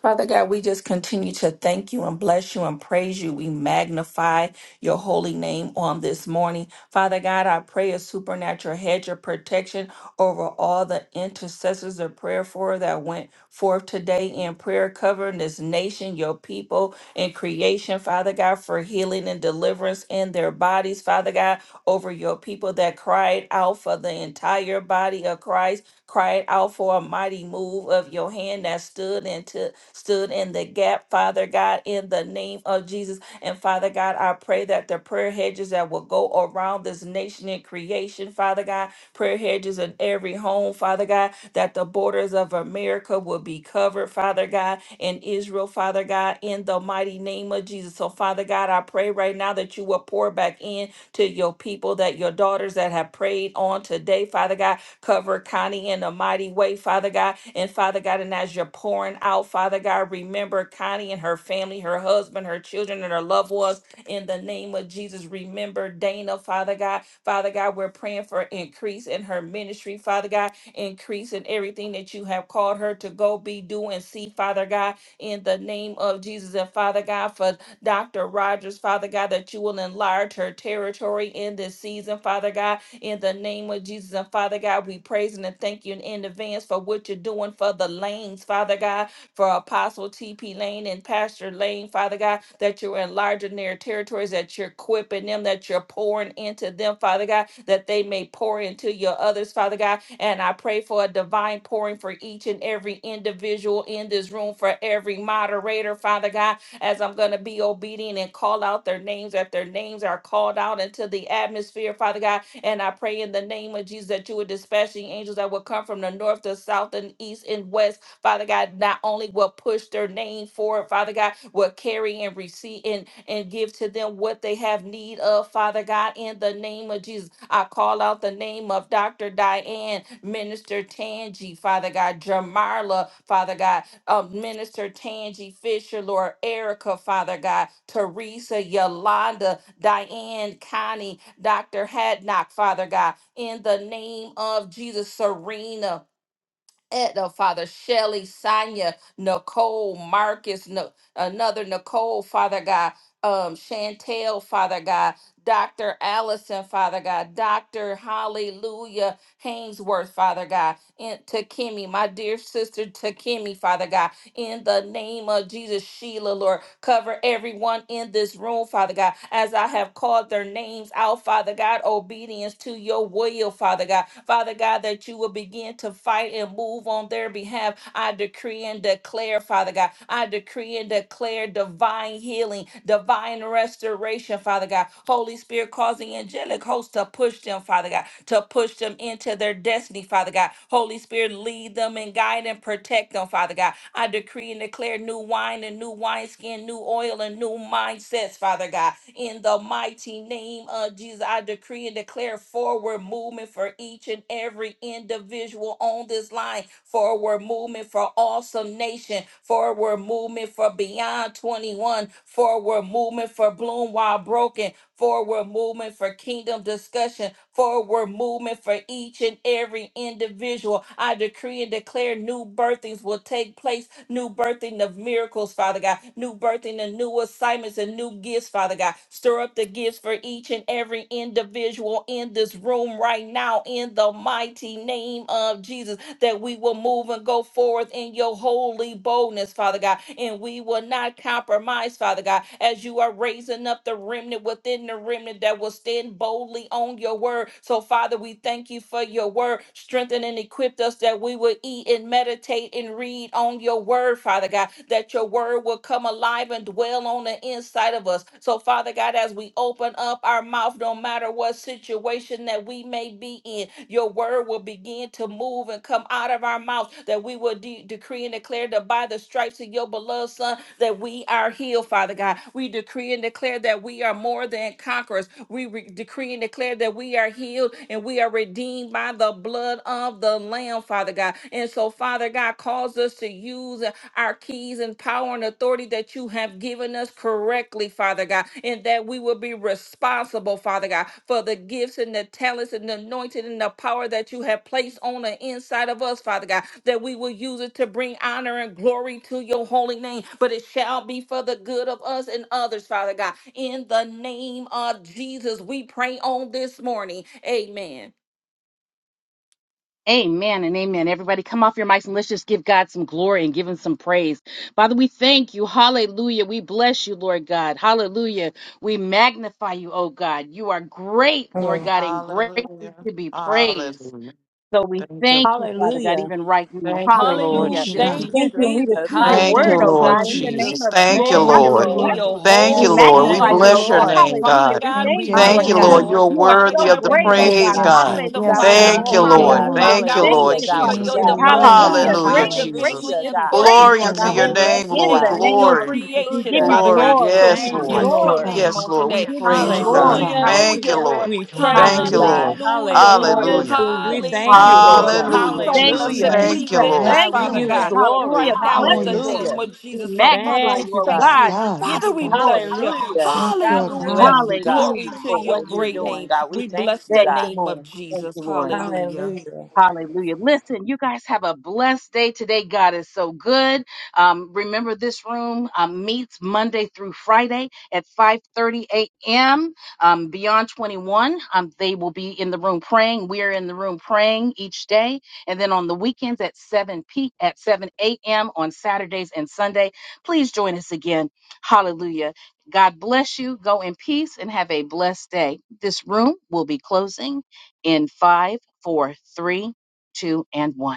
Father God, we just continue to thank you and bless you and praise you. We magnify your holy name on this morning. Father God, I pray a supernatural hedge of protection over all the intercessors of prayer for that went forth today in prayer, covering this nation, your people, and creation, Father God, for healing and deliverance in their bodies, Father God, over your people that cried out for the entire body of Christ, cried out for a mighty move of your hand that stood into stood in the gap, Father God, in the name of Jesus. And Father God, I pray that the prayer hedges that will go around this nation and creation, Father God, prayer hedges in every home, Father God, that the borders of America will be covered, Father God, in Israel, Father God, in the mighty name of Jesus. So, Father God, I pray right now that you will pour back in to your people, that your daughters that have prayed on today, Father God, Cover Connie in a mighty way, Father God. And Father God, and as you're pouring out, Father God, remember Connie and her family, her husband, her children, and her loved ones in the name of Jesus. Remember Dana, Father God. Father God, we're praying for increase in her ministry, Father God. Increase in everything that you have called her to go be, do, and see, Father God, in the name of Jesus. And Father God, for Dr. Rogers, Father God, that you will enlarge her territory in this season, Father God in the name of Jesus and Father God, we praise and thank you in advance for what you're doing for the lanes, Father God, for Apostle TP Lane and Pastor Lane, Father God, that you're enlarging their territories, that you're equipping them, that you're pouring into them, Father God, that they may pour into your others, Father God. And I pray for a divine pouring for each and every individual in this room, for every moderator, Father God, as I'm going to be obedient and call out their names, that their names are called out into the atmosphere, Father God and I pray in the name of Jesus that you would dispatch the angels that will come from the north, the south, and east and west. Father God, not only will push their name forward, Father God, will carry and receive and, and give to them what they have need of, Father God, in the name of Jesus. I call out the name of Dr. Diane, Minister Tangi, Father God, Jamarla, Father God, of Minister Tangi Fisher, Lord Erica, Father God, Teresa, Yolanda, Diane, Connie, Dr. Hadnock, Father God, in the name of Jesus, Serena. Etna, Father Shelley, Sonia, Nicole, Marcus, no, another Nicole, Father God, um, Chantel, Father God, Dr. Allison, Father God, Dr. Hallelujah, Hainsworth, Father God, and Takemi, my dear sister Takemi, Father God, in the name of Jesus. Sheila, Lord, cover everyone in this room, Father God, as I have called their names out, Father God, obedience to your will, Father God. Father God, that you will begin to fight and move on their behalf. I decree and declare, Father God, I decree and declare divine divine healing, divine restoration, Father God. Holy Spirit, cause the angelic host to push them, Father God, to push them into their destiny, Father God. Holy Spirit, lead them and guide and protect them, Father God. I decree and declare new wine and new wineskin, new oil and new mindsets, Father God. In the mighty name of Jesus, I decree and declare forward movement for each and every individual on this line, forward movement for awesome nation, forward movement for beyond 21, forward movement for bloom while broken, forward movement for kingdom discussion, forward movement for each and every individual. I decree and declare new birthings will take place new birthing of miracles, Father God, new birthing of new assignments and new gifts, Father God. Stir up the gifts for each and every individual in this room right now in the mighty name of Jesus that we will move and go forth in your holy boldness, Father God, and we will not compromise, Father God, as you are raising up the remnant within the remnant that will stand boldly on your word. So, Father, we thank you for your word. Strengthen and equip us that we will eat and meditate and read on your word, Father God, that your word will will come alive and dwell on the inside of us. So, Father God, as we open up our mouth, no matter what situation that we may be in, your word will begin to move and come out of our mouth, that we will de- decree and declare that by the stripes of your beloved Son, that we are healed, Father God. We decree and declare that we are more than conquerors. We re- decree and declare that we are healed and we are redeemed by the blood of the Lamb, Father God. And so, Father God, cause us to use our keys and power and authority that you have given us correctly, Father God, and that we will be responsible, Father God, for the gifts and the talents and the anointing and the power that you have placed on the inside of us, Father God, that we will use it to bring honor and glory to your holy name. But it shall be for the good of us and others, Father God. In the name of Jesus, we pray on this morning. Amen. Amen and amen. Everybody, come off your mics and let's just give God some glory and give Him some praise. Father, we thank you. Hallelujah. We bless you, Lord God. Hallelujah. We magnify you, oh God. You are great, Lord Hello. God, and great Hallelujah. to be praised. Hallelujah. So we Thank you, thank you, Lord. Father God, Hallelujah. even right now. Thank you, Lord Thank Hallelujah. you, Hallelujah, Jesus. We Thank God. you, thank you Jesus. and we Jesus. receive your Oh, Thank you, thank word, Hallelujah. you, oh Hallelujah, Lord God, in Father. the Jesus. name Jesus. of Thank you, Jesus. Thank Father, Glory Thank you, we you, Lord. to Lord. bless Lord. your you. Thank We you, Yes, holy Lord. We God. magnify name, Thank you, you, oh bless Yes, your God. Jesus. Lord. God. name, Father Hallelujah. God. We God, Thank we thank you, you, Thank Hallelujah. Lord you, thank you, God. Lord. Lord. God. You're You are Father worthy so of God, the we Thank great, you, oh bless, Yes, praise, God. we God. yes, God. Lord. God, Yes, magnify we Hallelujah. your Lord. Thank honor you, holy Thank you, you, name. God. Lord. Lord. Hallelujah. Father We Thank you, God, we thank Lord Hallelujah, you, thank you God. for We Father Jesus. your Thank lift you, God. you up, divine Lord. God. Hallelujah. Thank healing you, Hallelujah, Great Lord. and Jesus. greatly Hallelujah, individually to and be God. corporately, praised, Thank Glory you, oh Lord, unto God, God. your we Lord. over bless name, this you, In Lord. the God. nation and name your of Glory. Jesus, we creation, give you Hallelujah. Father Glory. God. glory. So We Yes, we give Thank you Hallelujah. you, Lord. Thank bless you, your Lord. glory. name Father. Yes, on Lord. We We Yes, today. give Lord, you Bless praise we Thank you, your you, God. glory. name. Hallelujah. God. Father. Thank Hallelujah, you, Hallelujah. Lord. Lord. thank We you, Lord. praise Thank you, you, Hallelujah. God. Hallelujah. Lord. Thank you, Hallelujah, Lord. Lord. Hallelujah. Hallelujah. Hallelujah. We Hallelujah. Yes, thank God. you, Hallelujah, Yes, Lord. Lord. Hallelujah. God. Breathe Hallelujah, on Thank Hallelujah. us you, Jesus. and Hallelujah. Yes, Thank you, breathe Jesus. God. in Lord. Yes, Thank us, God, Thank you. we you, Father give God. you Lord. God, Thank you, Hallelujah. glory. right God. We now bless Oh, in Glory. the you, yes, Lord. name Hallelujah. God. of We Jesus. So, Father, magnify we Thank you, you, oh Yes, God. thank you. God. We God. give Father, Yes, you we God. glory. bless you. Hallelujah. Hallelujah. Thank you, God, we Hallelujah. bless you, God. God, Glory Hallelujah. to for your what you're great Hallelujah. doing, name. God. We We thank bless you, the Thank you, God. name of Lord. Thank Jesus. you, Lord. Hallelujah. Hallelujah. Hallelujah. Listen, you guys have a blessed day today. God is so good. Um, remember, this room um, meets Monday through Friday at 5:30 a.m. Um, beyond 21, um, they will be in the room praying. We are in the room praying each day, and then on the weekends at 7 p. at 7 a.m. on Saturdays and Sunday. Please join us again. Hallelujah. God bless you. Go in peace and have a blessed day. This room will be closing in five four, three, two, and one.